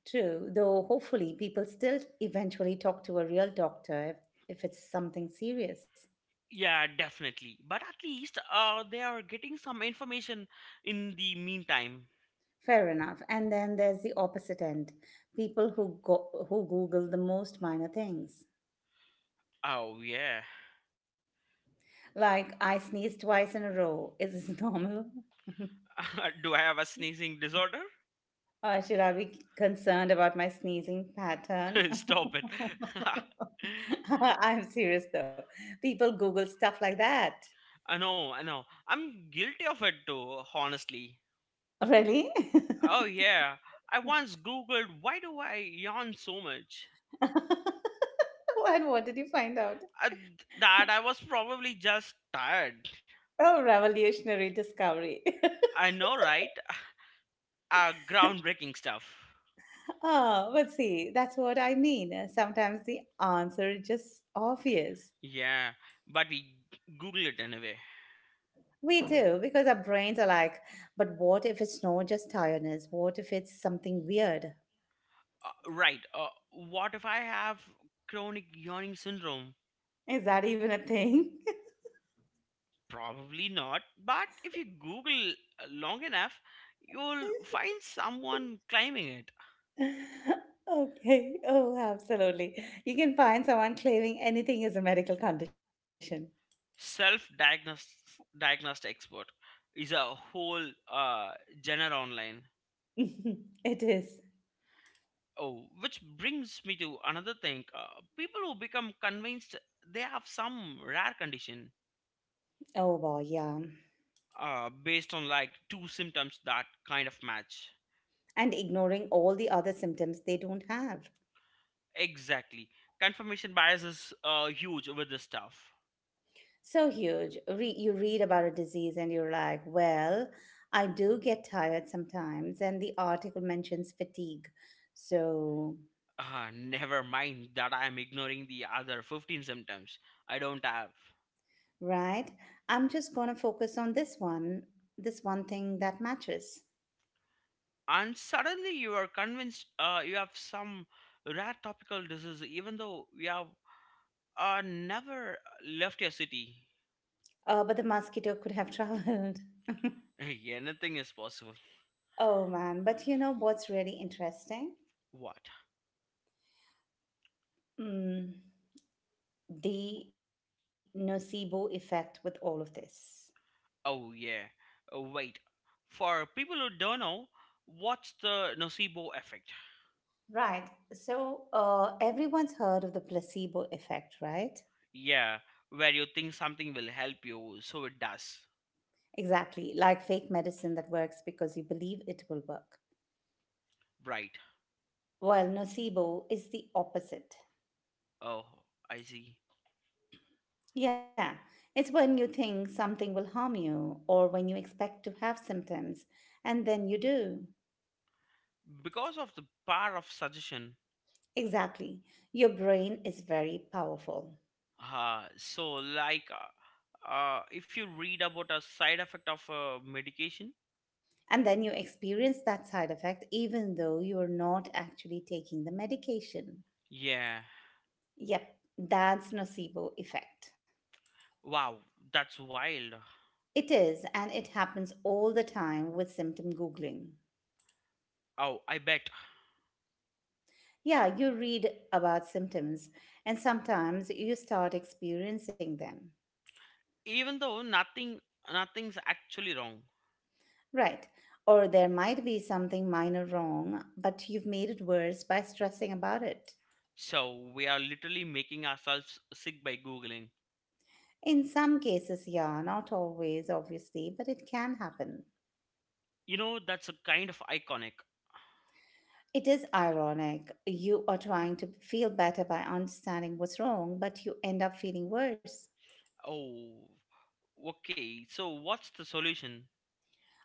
Speaker 1: True, though hopefully people still eventually talk to a real doctor if, if it's something serious.
Speaker 2: Yeah, definitely. But at least uh, they are getting some information in the meantime.
Speaker 1: Fair enough. And then there's the opposite end people who, go- who Google the most minor things.
Speaker 2: Oh, yeah.
Speaker 1: Like, I sneezed twice in a row. Is this normal?
Speaker 2: Do I have a sneezing disorder?
Speaker 1: Or should I be concerned about my sneezing pattern?
Speaker 2: Stop it.
Speaker 1: I'm serious though. People Google stuff like that.
Speaker 2: I know, I know. I'm guilty of it too, honestly.
Speaker 1: Really?
Speaker 2: Oh, yeah. I once googled why do I yawn so much?
Speaker 1: And what did you find out?
Speaker 2: Uh, that I was probably just tired.
Speaker 1: Oh, revolutionary discovery.
Speaker 2: I know, right? Uh, groundbreaking stuff.
Speaker 1: Oh, but see, that's what I mean. Uh, Sometimes the answer is just obvious.
Speaker 2: Yeah, but we Google it anyway.
Speaker 1: We do, because our brains are like, but what if it's not just tiredness? What if it's something weird?
Speaker 2: Uh, right. Uh, what if I have chronic yawning syndrome?
Speaker 1: Is that even a thing?
Speaker 2: Probably not. But if you Google uh, long enough, you'll find someone claiming it.
Speaker 1: Okay. Oh, absolutely. You can find someone claiming anything is a medical condition.
Speaker 2: Self-diagnosed expert is a whole uh, genre online.
Speaker 1: It is.
Speaker 2: Oh, which brings me to another thing. Uh, people who become convinced they have some rare condition
Speaker 1: Oh, boy, yeah.
Speaker 2: uh, based on like two symptoms that kind of match.
Speaker 1: And ignoring all the other symptoms they don't have.
Speaker 2: Exactly. Confirmation bias is uh, huge with this stuff.
Speaker 1: So huge. Re- you read about a disease and you're like, well, I do get tired sometimes, and the article mentions fatigue. So,
Speaker 2: Uh, never mind that I am ignoring the other fifteen symptoms I don't have.
Speaker 1: right? I'm just going to focus on this one, this one thing that matches.
Speaker 2: And suddenly you are convinced uh, you have some rare topical disease, even though you have uh, never left your city.
Speaker 1: Uh, but the mosquito could have traveled.
Speaker 2: Anything is possible.
Speaker 1: Oh man, but you know what's really interesting?
Speaker 2: What?
Speaker 1: Mm, the nocebo effect with all of this.
Speaker 2: Oh, yeah. Oh, wait. For people who don't know, what's the nocebo effect?
Speaker 1: Right. So, uh, everyone's heard of the placebo effect, right?
Speaker 2: Yeah, where you think something will help you, so it does.
Speaker 1: Exactly, like fake medicine that works because you believe it will work.
Speaker 2: Right.
Speaker 1: While nocebo is the opposite.
Speaker 2: Oh, I see.
Speaker 1: Yeah, it's when you think something will harm you or when you expect to have symptoms and then you do.
Speaker 2: Because of the power of suggestion.
Speaker 1: Exactly. Your brain is very powerful.
Speaker 2: Uh, so, like, uh, uh, if you read about a side effect of a medication,
Speaker 1: And then you experience that side effect even though you're not actually taking the medication.
Speaker 2: yeah.
Speaker 1: Yep, that's nocebo effect.
Speaker 2: Wow, that's wild.
Speaker 1: It is, and it happens all the time with symptom Googling.
Speaker 2: Oh, I bet.
Speaker 1: Yeah, you read about symptoms, and sometimes you start experiencing them.
Speaker 2: Even though nothing, nothing's actually wrong.
Speaker 1: Right. Or there might be something minor wrong, but you've made it worse by stressing about it.
Speaker 2: So we are literally making ourselves sick by googling.
Speaker 1: In some cases, yeah, not always, obviously, but it can happen.
Speaker 2: You know, that's a kind of iconic.
Speaker 1: It is ironic. You are trying to feel better by understanding what's wrong, but you end up feeling worse.
Speaker 2: Oh, okay. So what's the solution?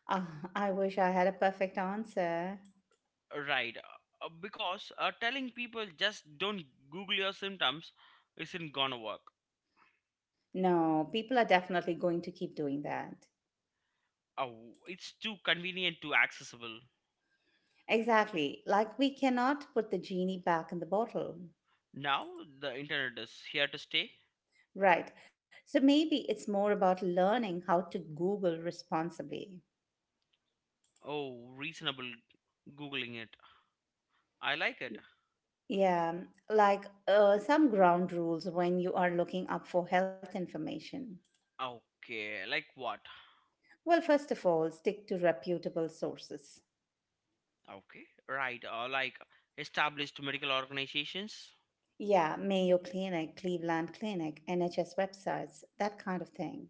Speaker 1: Ah, I wish I had a perfect answer.
Speaker 2: Right. Uh, Because uh, telling people just don't Google your symptoms isn't gonna work.
Speaker 1: No, people are definitely going to keep doing that.
Speaker 2: Uh, w- it's too convenient, too accessible.
Speaker 1: Exactly. Like we cannot put the genie back in the bottle.
Speaker 2: Now the internet is here to stay.
Speaker 1: Right. So maybe it's more about learning how to Google responsibly.
Speaker 2: Oh, reasonable Googling it. I like it.
Speaker 1: Yeah, like uh, some ground rules when you are looking up for health information.
Speaker 2: Okay, like what?
Speaker 1: Well, first of all, stick to reputable sources.
Speaker 2: Okay, right. Uh, like established medical organizations
Speaker 1: Yeah, Mayo Clinic, Cleveland Clinic, N H S websites, that kind of thing.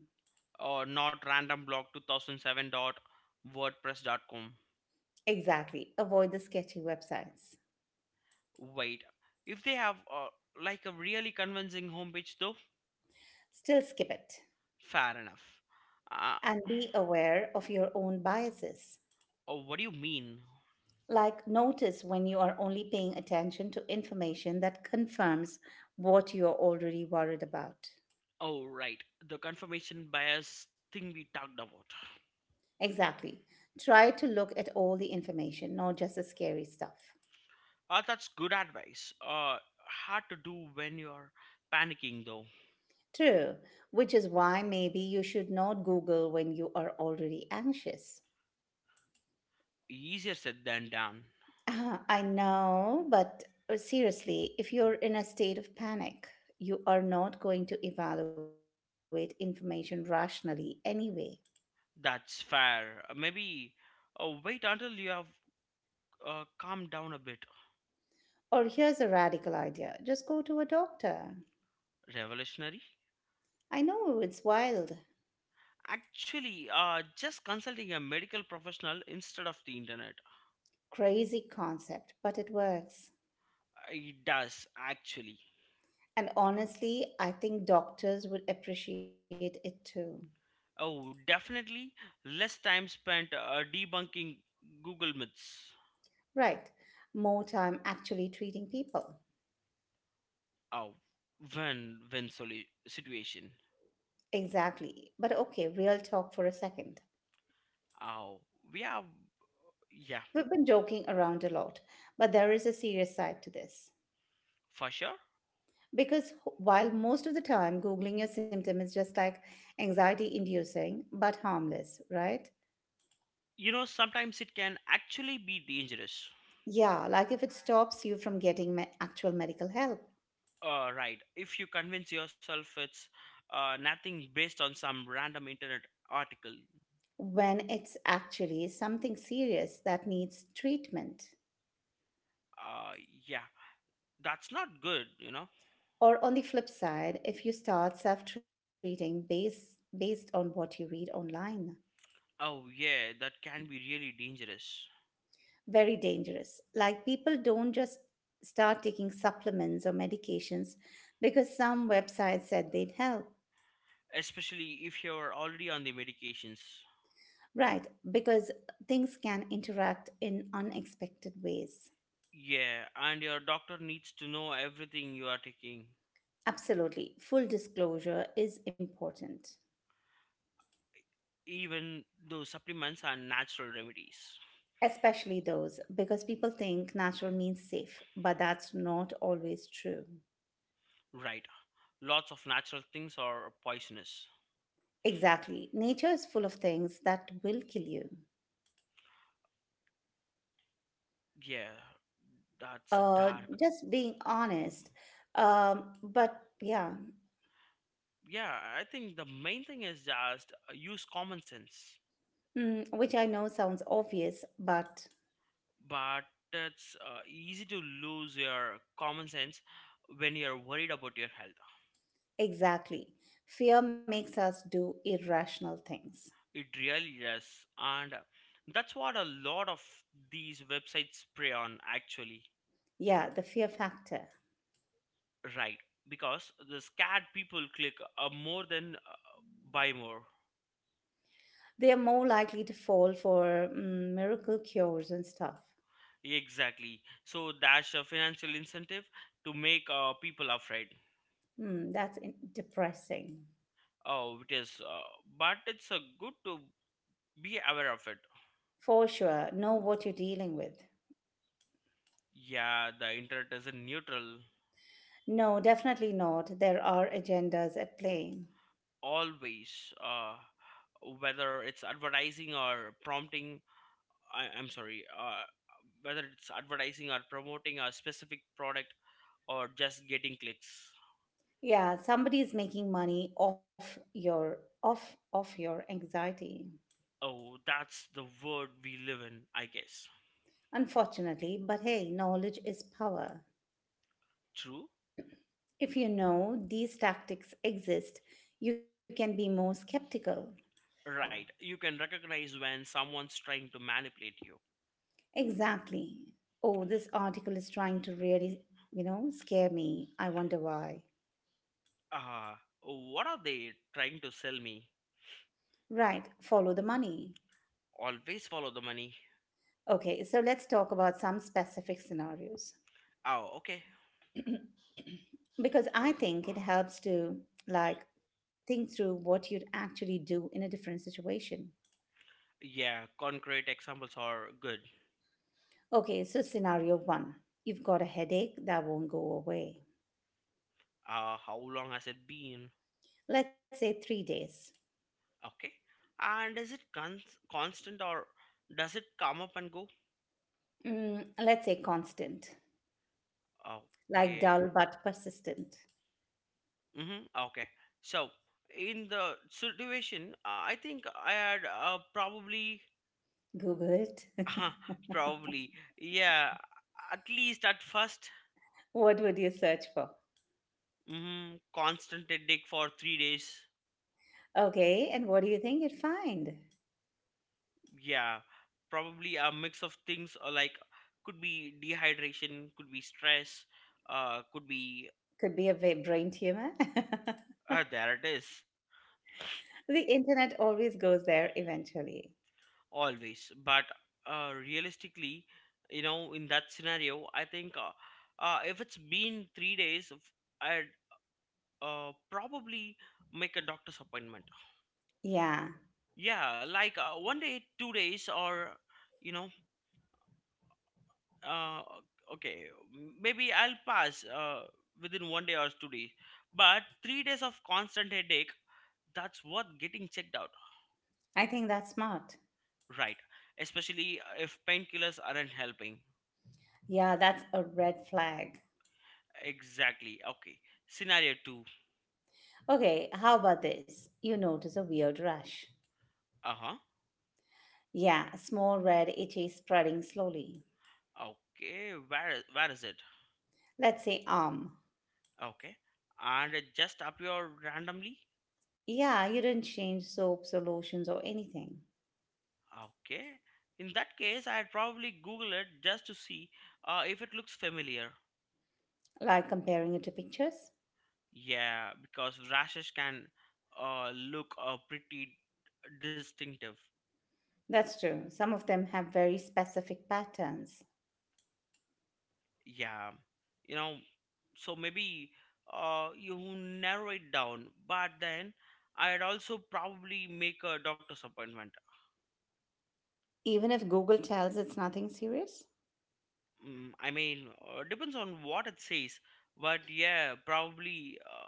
Speaker 2: or not random blog two thousand seven dot wordpress dot com.
Speaker 1: Exactly. Avoid the sketchy websites.
Speaker 2: Wait, if they have uh, like a really convincing homepage though.
Speaker 1: Still skip it.
Speaker 2: Fair enough. Uh,
Speaker 1: And be aware of your own biases.
Speaker 2: oh, what do you mean?
Speaker 1: Like, notice when you are only paying attention to information that confirms what you're already worried about.
Speaker 2: Oh, right. The confirmation bias thing we talked about.
Speaker 1: Exactly. Try to look at all the information, not just the scary stuff.
Speaker 2: Uh, that's good advice. Uh, hard to do when you're panicking, though.
Speaker 1: True, which is why maybe you should not Google when you are already anxious.
Speaker 2: Easier said than done.
Speaker 1: Ah, I know, but uh, seriously, if you're in a state of panic, you are not going to evaluate information rationally anyway.
Speaker 2: That's fair. Uh, maybe uh, wait until you have uh, calmed down a bit.
Speaker 1: Or here's a radical idea, just go to a doctor.
Speaker 2: Revolutionary?
Speaker 1: I know it's wild,
Speaker 2: Actually, uh, just consulting a medical professional instead of the internet.
Speaker 1: crazy concept, but it works.
Speaker 2: Uh, It does, actually.
Speaker 1: And honestly, I think doctors would appreciate it too.
Speaker 2: Oh, definitely less time spent uh, debunking Google myths.
Speaker 1: Right, more time actually treating people.
Speaker 2: Oh, when when solu- situation.
Speaker 1: Exactly. But okay, real talk for a second.
Speaker 2: Oh, we are yeah
Speaker 1: We've been joking around a lot, but there is a serious side to this.
Speaker 2: for sure.
Speaker 1: Because while most of the time Googling your symptom is just like anxiety inducing, but harmless, right?
Speaker 2: You know sometimes it can actually be dangerous.
Speaker 1: Yeah, like if it stops you from getting me- actual medical help,
Speaker 2: Uh, right, if you convince yourself it's uh, nothing based on some random internet article.
Speaker 1: when it's actually something serious that needs treatment.
Speaker 2: Uh, yeah, that's not good. You know.
Speaker 1: Or on the flip side, if you start self treating based, based on what you read online.
Speaker 2: Oh yeah, that can be really dangerous,
Speaker 1: Very dangerous. Like people don't just start taking supplements or medications because some website said they'd help.
Speaker 2: especially if you're already on the medications.
Speaker 1: Right, because things can interact in unexpected ways.
Speaker 2: Yeah, and your doctor needs to know everything you are taking.
Speaker 1: Absolutely. Full disclosure is important,
Speaker 2: Even those supplements are natural remedies.
Speaker 1: especially those because people think natural means safe, but that's not always true.
Speaker 2: Right. Lots of natural things are poisonous.
Speaker 1: Exactly. Nature is full of things that will kill you.
Speaker 2: Yeah, that's
Speaker 1: Uh,
Speaker 2: dark.
Speaker 1: just being honest. Um, but yeah,
Speaker 2: Yeah, I think the main thing is just uh, use common sense.
Speaker 1: Mm, which I know sounds obvious, but
Speaker 2: But it's uh, easy to lose your common sense when you're worried about your health.
Speaker 1: exactly. Fear makes us do irrational things.
Speaker 2: It really is. And that's what a lot of these websites prey on, actually.
Speaker 1: Yeah, the fear factor.
Speaker 2: Right, because the scared people click uh, more than uh, buy more.
Speaker 1: They are more likely to fall for mm, miracle cures and stuff.
Speaker 2: Exactly. So that's a financial incentive to make uh, people afraid.
Speaker 1: Mm, that's in- depressing.
Speaker 2: Oh, it is. Uh, but it's uh, good to be aware of it.
Speaker 1: For sure, know what you're dealing with.
Speaker 2: Yeah, the internet isn't neutral
Speaker 1: No, definitely not. There are agendas at play.
Speaker 2: always. Uh, whether it's advertising or prompting, I, I'm sorry, uh, whether it's advertising or promoting a specific product or just getting clicks.
Speaker 1: Yeah, somebody is making money off your off off your anxiety.
Speaker 2: Oh, that's the world we live in, I guess.
Speaker 1: Unfortunately, but hey, knowledge is power.
Speaker 2: True?
Speaker 1: If you know these tactics exist, you can be more skeptical.
Speaker 2: Right. You can recognize when someone's trying to manipulate you.
Speaker 1: Exactly. Oh, this article is trying to really, you know, scare me. I wonder why.
Speaker 2: Ah, what are they trying to sell me?
Speaker 1: Right, follow the money.
Speaker 2: Always follow the money.
Speaker 1: Okay, so let's talk about some specific scenarios
Speaker 2: Oh, okay.
Speaker 1: because I think it helps to like think through what you'd actually do in a different situation.
Speaker 2: Yeah, concrete examples are good.
Speaker 1: Okay, so scenario one. You've got a headache that won't go away.
Speaker 2: Uh, how long has it been?
Speaker 1: Let's say three days.
Speaker 2: Okay. And is it cons- constant or does it come up and go?
Speaker 1: Mm, let's say constant. Like
Speaker 2: Okay.
Speaker 1: dull but persistent.
Speaker 2: Mm-hmm. Okay. So, in the situation, I think I had uh, probably
Speaker 1: Google it.
Speaker 2: Probably. Yeah. At least at first.
Speaker 1: What would you search for?
Speaker 2: Mm, constant headache for three days.
Speaker 1: Okay, and what do you think you'd find?
Speaker 2: Yeah. Probably a mix of things. Or like could be dehydration, could be stress, uh, could be.
Speaker 1: Could be a va- brain tumor.
Speaker 2: Uh, there it is.
Speaker 1: The internet always goes there eventually.
Speaker 2: Always. But uh, realistically, you know, in that scenario, I think uh, uh, if it's been three days, f- I'd uh, probably make a doctor's appointment.
Speaker 1: Yeah,
Speaker 2: Yeah, like uh, one day, two days, or you know, uh, okay, maybe I'll pass uh, within one day or two days. But three days of constant headache, that's worth getting checked out,
Speaker 1: I think that's smart.
Speaker 2: right? Especially uh, if painkillers aren't helping.
Speaker 1: Yeah, that's a red flag.
Speaker 2: Exactly. Okay. Scenario two.
Speaker 1: Okay, how about this? You notice a weird rash.
Speaker 2: Uh huh.
Speaker 1: Yeah, a small red itchy spreading slowly.
Speaker 2: Okay. Where where is it?
Speaker 1: Let's say arm.
Speaker 2: Okay. And it just appear randomly.
Speaker 1: Yeah, you didn't change soaps or lotions or anything.
Speaker 2: Okay. In that case, I'd probably Google it just to see uh, if it looks familiar.
Speaker 1: Like comparing it to pictures?
Speaker 2: Yeah, because rashes can uh, look uh, pretty distinctive.
Speaker 1: That's true. Some of them have very specific patterns.
Speaker 2: Yeah, you know, so maybe uh, you narrow it down, but then I'd also probably make a doctor's appointment.
Speaker 1: Even if Google tells it's nothing serious?
Speaker 2: Mm, I mean, uh, depends on what it says, but yeah, probably, uh,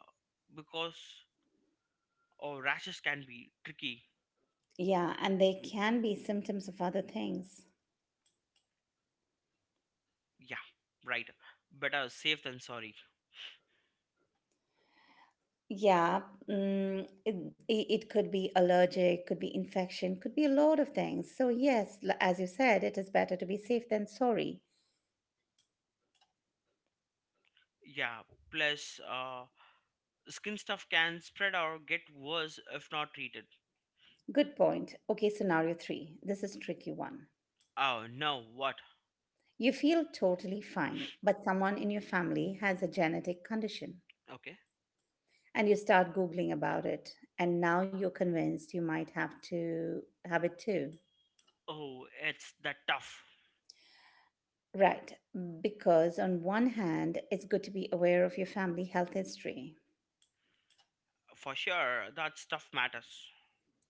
Speaker 2: because uh, rashes can be tricky.
Speaker 1: Yeah, and they can be symptoms of other things.
Speaker 2: Yeah, right. Better safe than sorry.
Speaker 1: Yeah, mm, it, i- it could be allergic, could be infection, could be a lot of things. So, yes, l- as you said, it is better to be safe than sorry.
Speaker 2: Yeah, plus uh, skin stuff can spread or get worse if not treated.
Speaker 1: Good point. Okay, scenario three. This is tricky one.
Speaker 2: Oh, no, what?
Speaker 1: You feel totally fine, but someone in your family has a genetic condition.
Speaker 2: Okay.
Speaker 1: And you start googling about it, and now you're convinced you might have to have it too,
Speaker 2: Oh, it's that tough.
Speaker 1: right? Because on one hand it's good to be aware of your family health history,
Speaker 2: For sure, that stuff matters.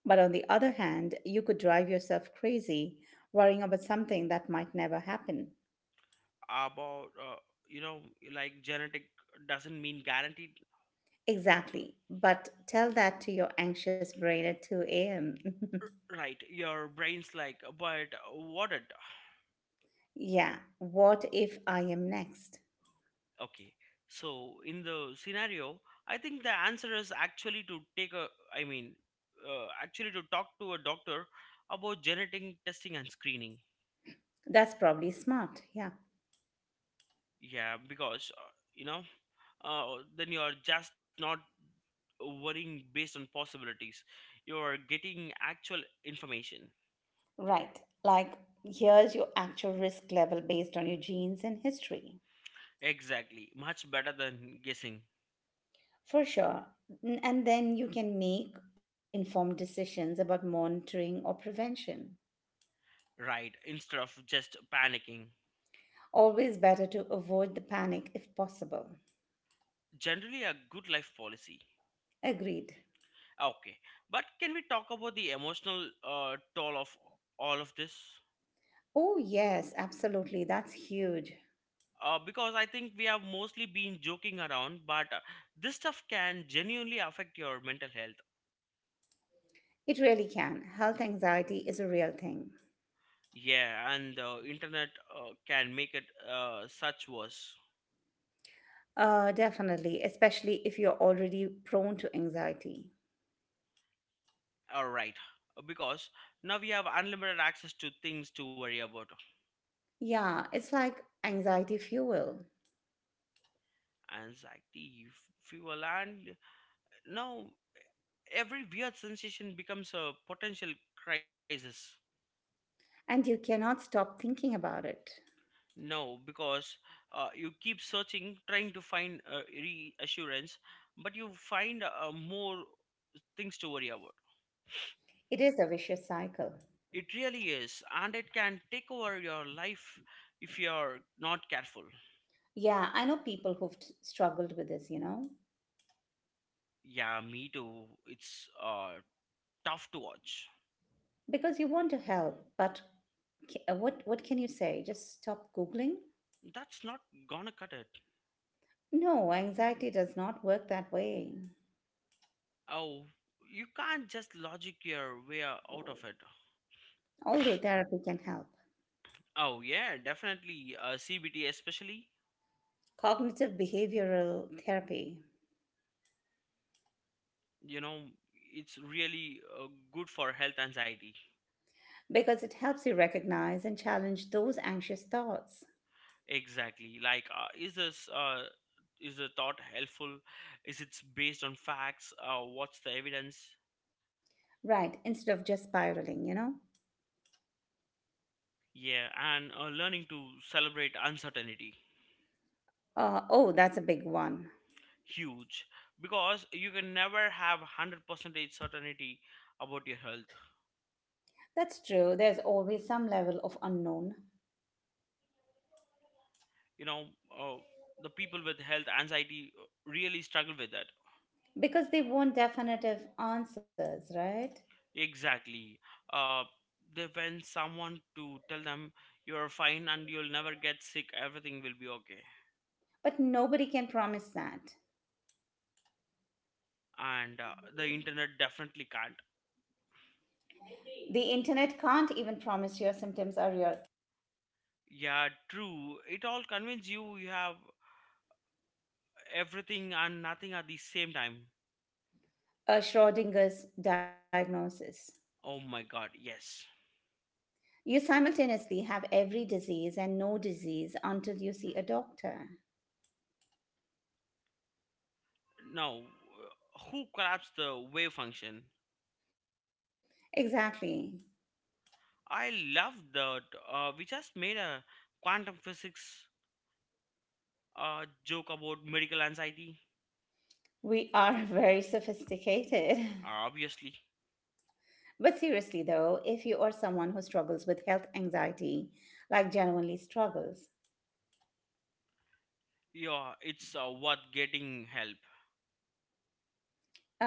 Speaker 1: but on the other hand you could drive yourself crazy worrying about something that might never happen,
Speaker 2: About, uh, you know, like genetic doesn't mean guaranteed.
Speaker 1: exactly. But tell that to your anxious brain at two a.m.
Speaker 2: R- Right, your brain's like, but what it?
Speaker 1: Yeah, what if I am next?
Speaker 2: Okay. So in the scenario, I think the answer is actually to take a, I mean, uh, actually to talk to a doctor about genetic testing and screening.
Speaker 1: That's probably smart, yeah.
Speaker 2: Yeah, because uh, you know, uh, then you are just not worrying based on possibilities. You are getting actual information.
Speaker 1: Right, like here's your actual risk level based on your genes and history.
Speaker 2: Exactly, much better than guessing.
Speaker 1: For sure. N- And then you can make informed decisions about monitoring or prevention.
Speaker 2: Right, instead of just panicking.
Speaker 1: Always better to avoid the panic if possible.
Speaker 2: Generally, a good life policy.
Speaker 1: Agreed.
Speaker 2: Okay, but can we talk about the emotional uh, toll of all of this?
Speaker 1: Oh, yes, absolutely. That's huge.
Speaker 2: Uh, because I think we have mostly been joking around, but uh, this stuff can genuinely affect your mental health.
Speaker 1: It really can. Health anxiety is a real thing.
Speaker 2: Yeah, and the internet uh, can make it uh, such worse.
Speaker 1: Uh, definitely, especially if you're already prone to anxiety.
Speaker 2: All right, because now we have unlimited access to things to worry about,
Speaker 1: Yeah, it's like anxiety fuel.
Speaker 2: anxiety, f- fuel, and uh, now every weird sensation becomes a potential crisis.
Speaker 1: And you cannot stop thinking about it.
Speaker 2: No, because uh, you keep searching, trying to find uh, reassurance, but you find uh, more things to worry about.
Speaker 1: It is a vicious cycle.
Speaker 2: It really is, and it can take over your life if you're not careful.
Speaker 1: Yeah, I know people who've t- struggled with this, you know,
Speaker 2: Yeah, me too. It's uh, tough to watch.
Speaker 1: because you want to help, but ca- uh, what what can you say? Just stop googling?
Speaker 2: That's not gonna cut it.
Speaker 1: No, anxiety does not work that way.
Speaker 2: Oh, you can't just logic your way out of it.
Speaker 1: Although therapy can help.
Speaker 2: Oh, yeah, definitely. Uh, C B T, especially,
Speaker 1: Cognitive behavioral therapy
Speaker 2: you know, it's really uh, good for health anxiety.
Speaker 1: because it helps you recognize and challenge those anxious thoughts.
Speaker 2: Exactly. Like, uh, is this uh, is the thought helpful? Is it based on facts? Uh, what's the evidence?
Speaker 1: Right, instead of just spiraling, you know?
Speaker 2: Yeah, and uh, learning to celebrate uncertainty,
Speaker 1: Uh, oh, that's a big one.
Speaker 2: huge, because you can never have hundred percent certainty about your health.
Speaker 1: That's true. There's always some level of unknown
Speaker 2: You know, uh, the people with health anxiety really struggle with that.
Speaker 1: because they want definitive answers, right?
Speaker 2: Exactly. Uh, they want someone to tell them you're fine and you'll never get sick. Everything will be okay,
Speaker 1: But nobody can promise that.
Speaker 2: and uh, the internet definitely can't.
Speaker 1: The internet can't even promise your symptoms are your
Speaker 2: Yeah, true, it all convinces you you have everything and nothing at the same time.
Speaker 1: uh, Schrodinger's diagnosis.
Speaker 2: Oh my god, yes.
Speaker 1: You simultaneously have every disease and no disease until you see a doctor.
Speaker 2: Now, uh, who collapsed the wave function?
Speaker 1: Exactly.
Speaker 2: I love that uh, we just made a quantum physics uh, joke about medical anxiety.
Speaker 1: We are very sophisticated.
Speaker 2: Obviously.
Speaker 1: But seriously, though, if you are someone who struggles with health anxiety, like genuinely struggles,
Speaker 2: Yeah, it's uh, worth getting help.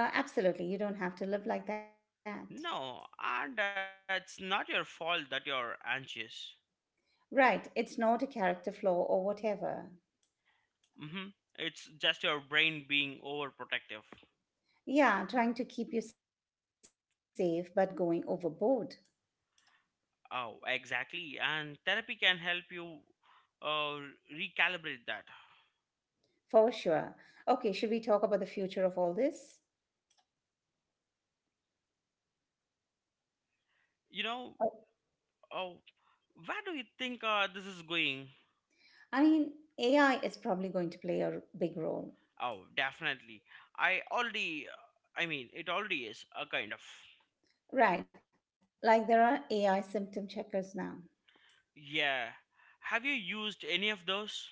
Speaker 1: Uh, absolutely, you don't have to live like that.
Speaker 2: No, and uh, it's not your fault that you're anxious.
Speaker 1: Right, it's not a character flaw or whatever.
Speaker 2: Mm-hmm. It's just your brain being overprotective.
Speaker 1: Yeah, trying to keep you safe but going overboard.
Speaker 2: Oh, exactly. And therapy can help you uh, recalibrate that.
Speaker 1: For sure. Okay, should we talk about the future of all this?
Speaker 2: You know, oh, where do you think uh, this is going?
Speaker 1: I mean, A I is probably going to play a big role.
Speaker 2: Oh, definitely. I already, uh, I mean, it already is a kind of.
Speaker 1: Right, like there are A I symptom checkers now.
Speaker 2: Yeah. Have you used any of those?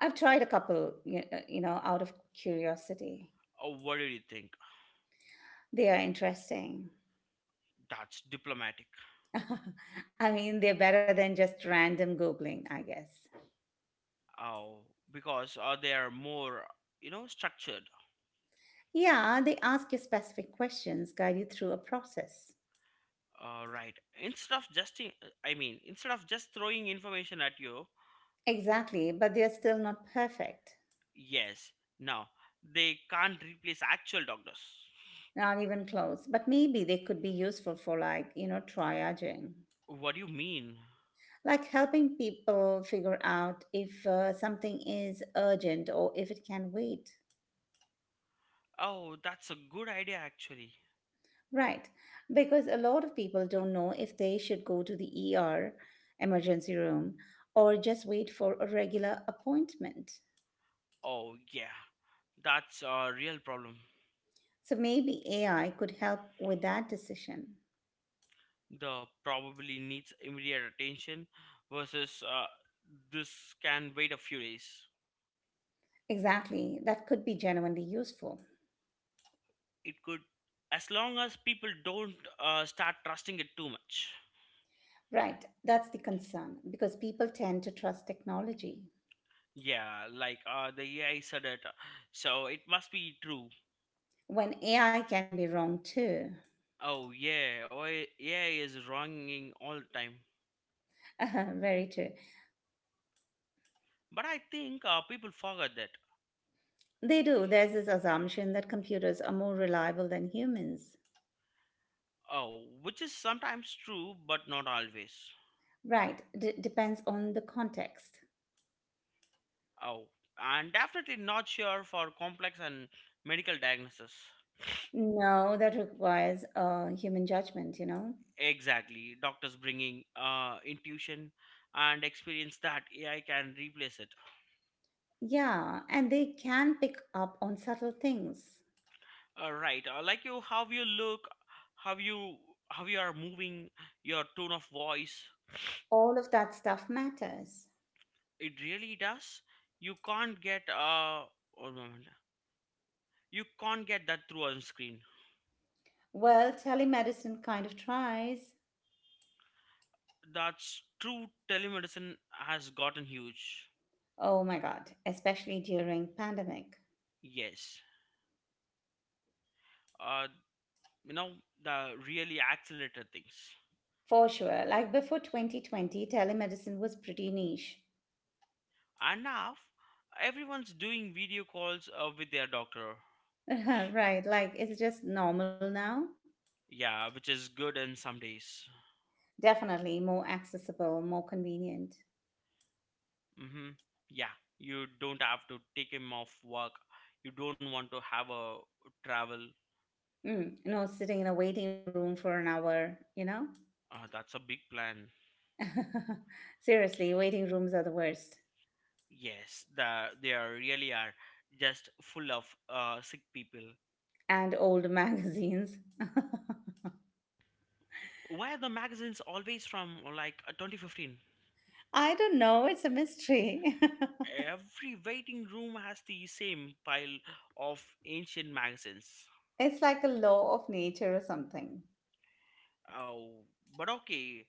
Speaker 1: I've tried a couple, you uh, you know, out of curiosity.
Speaker 2: Oh, what do you think?
Speaker 1: They are interesting.
Speaker 2: That's diplomatic.
Speaker 1: I mean, they're better than just random Googling, I guess.
Speaker 2: Oh, because uh, they are more, you know, structured.
Speaker 1: Yeah, they ask you specific questions, guide you through a process.
Speaker 2: Uh, right. Instead of just, I mean, instead of just throwing information at you,
Speaker 1: Exactly, but they're still not perfect,
Speaker 2: yes. Now they can't replace actual doctors.
Speaker 1: not even close. But maybe they could be useful for, like, you know, triaging,
Speaker 2: What do you mean?
Speaker 1: like helping people figure out if uh, something is urgent or if it can wait.
Speaker 2: Oh, that's a good idea actually.
Speaker 1: Right, because a lot of people don't know if they should go to the E R, emergency room, or just wait for a regular appointment.
Speaker 2: Oh yeah, that's a real problem.
Speaker 1: So maybe A I could help with that decision.
Speaker 2: The probably needs immediate attention versus, uh, this can wait a few days.
Speaker 1: Exactly, that could be genuinely useful.
Speaker 2: It could, as long as people don't uh, start trusting it too much.
Speaker 1: Right, that's the concern because people tend to trust technology
Speaker 2: Yeah, like uh, the A I said it. So it must be true.
Speaker 1: when A I can be wrong too.
Speaker 2: Oh yeah, oh, A I is wronging all the time.
Speaker 1: Very true.
Speaker 2: But I think uh, people forget that.
Speaker 1: They do. There's this assumption that computers are more reliable than humans.
Speaker 2: Oh, which is sometimes true, but not always.
Speaker 1: Right, D- depends on the context.
Speaker 2: Oh, and definitely not sure for complex and medical diagnosis.
Speaker 1: No, that requires uh, human judgment, you know?
Speaker 2: Exactly, doctors bringing uh, intuition and experience that A I can replace it.
Speaker 1: Yeah, and they can pick up on subtle things.
Speaker 2: uh, right, uh, like you how you look, how you how you are moving, your tone of voice.
Speaker 1: All of that stuff matters.
Speaker 2: It really does. You can't get uh one moment. You can't get that through on screen.
Speaker 1: Well, telemedicine kind of tries.
Speaker 2: That's true, telemedicine has gotten huge.
Speaker 1: Oh my God, especially during pandemic.
Speaker 2: Yes, uh you know the really accelerated things.
Speaker 1: For sure, like before twenty twenty, telemedicine was pretty niche.
Speaker 2: And now everyone's doing video calls uh, with their doctor.
Speaker 1: Right, like it's just normal now.
Speaker 2: Yeah, which is good in some days.
Speaker 1: Definitely more accessible, more convenient.
Speaker 2: Mm-hmm. Yeah, you don't have to take him off work. You don't want to have a travel.
Speaker 1: Mm, you sitting in a waiting room for an hour, you know?
Speaker 2: Uh, that's a big plan.
Speaker 1: Seriously, waiting rooms are the worst.
Speaker 2: Yes, the they are really are just full of uh, sick people.
Speaker 1: And old magazines.
Speaker 2: Why are the magazines always from like, uh, twenty fifteen?
Speaker 1: I don't know, it's a mystery.
Speaker 2: Every waiting room has the same pile of ancient magazines.
Speaker 1: It's like a law of nature or something.
Speaker 2: Oh, but okay.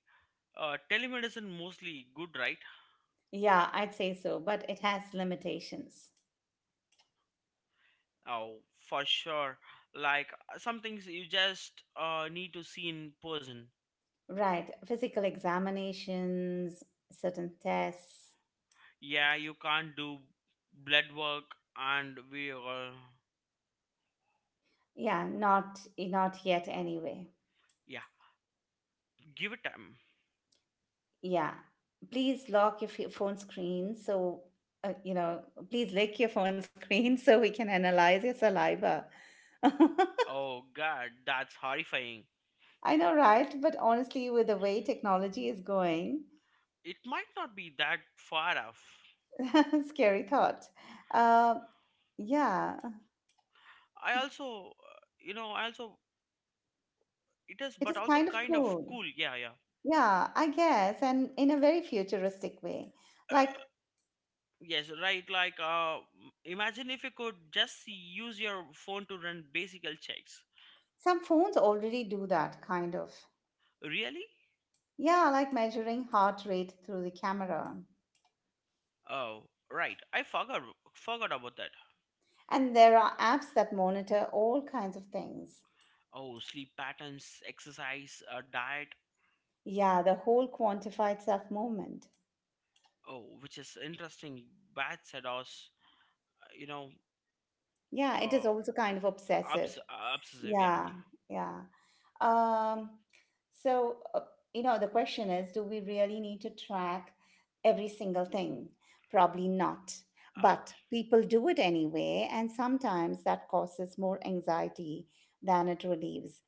Speaker 2: Uh, telemedicine mostly good, right?
Speaker 1: Yeah, I'd say so, but it has limitations.
Speaker 2: Oh, for sure. Like uh, some things you just uh, need to see in person.
Speaker 1: Right. Physical examinations, certain tests.
Speaker 2: Yeah, you can't do blood work and we all,
Speaker 1: Yeah, not not yet anyway.
Speaker 2: yeah, give it time.
Speaker 1: Yeah. Please lock your f- phone screen so uh, you know, please lick your phone screen so we can analyze your saliva. I
Speaker 2: Oh god, that's horrifying.
Speaker 1: know, right? But honestly, with the way technology is going,
Speaker 2: It might not be that far off.
Speaker 1: scary thought. Uh, yeah,
Speaker 2: I also, uh, you know, I also it is
Speaker 1: it is
Speaker 2: but also
Speaker 1: kind of
Speaker 2: kind of
Speaker 1: cool.
Speaker 2: cool. Yeah, yeah.
Speaker 1: Yeah, I guess, and in a very futuristic way. Like
Speaker 2: Uh, yes, right, like uh imagine if you could just use your phone to run basic checks.
Speaker 1: Some phones already do that, kind of.
Speaker 2: Really?
Speaker 1: Yeah, like measuring heart rate through the camera.
Speaker 2: Oh, right. I forgot forgot about that.
Speaker 1: And there are apps that monitor all kinds of things.
Speaker 2: Oh, sleep patterns, exercise, uh, diet.
Speaker 1: Yeah, the whole quantified self movement.
Speaker 2: Oh, which is interesting. Bad sedos, uh, you know,
Speaker 1: Yeah, it is
Speaker 2: uh,
Speaker 1: also kind of
Speaker 2: obs-
Speaker 1: obsessive.
Speaker 2: uh, obsessive. Yeah.
Speaker 1: Yeah, yeah. Um, so, uh, you know, the question is, do we really need to track every single thing? Probably not.
Speaker 2: Oh,
Speaker 1: But people do it anyway, and sometimes that causes more anxiety than it relieves.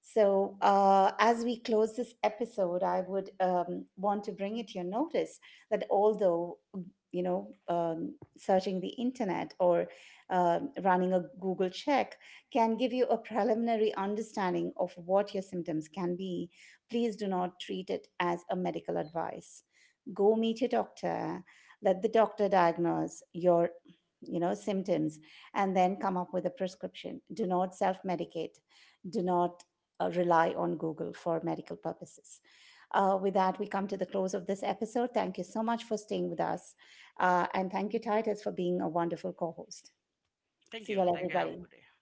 Speaker 1: So, uh, as we close this episode, I would um, want to bring it to your notice that although, mm, you know, um, searching the internet or uh, running a Google check can give you a preliminary understanding of what your symptoms can be. Please do not treat it as a medical advice. Go meet your doctor, let the doctor diagnose your, you know, symptoms, and then come up with a prescription. Do not self-medicate, do not uh, rely on Google for medical purposes. Uh, with that, we come to the close of this episode. Thank you so much for staying with us, uh, and thank you Titus for being a wonderful co-host.
Speaker 2: thank
Speaker 1: See
Speaker 2: you.
Speaker 1: you all,
Speaker 2: Thank you. Have a good
Speaker 1: everybody.
Speaker 2: day.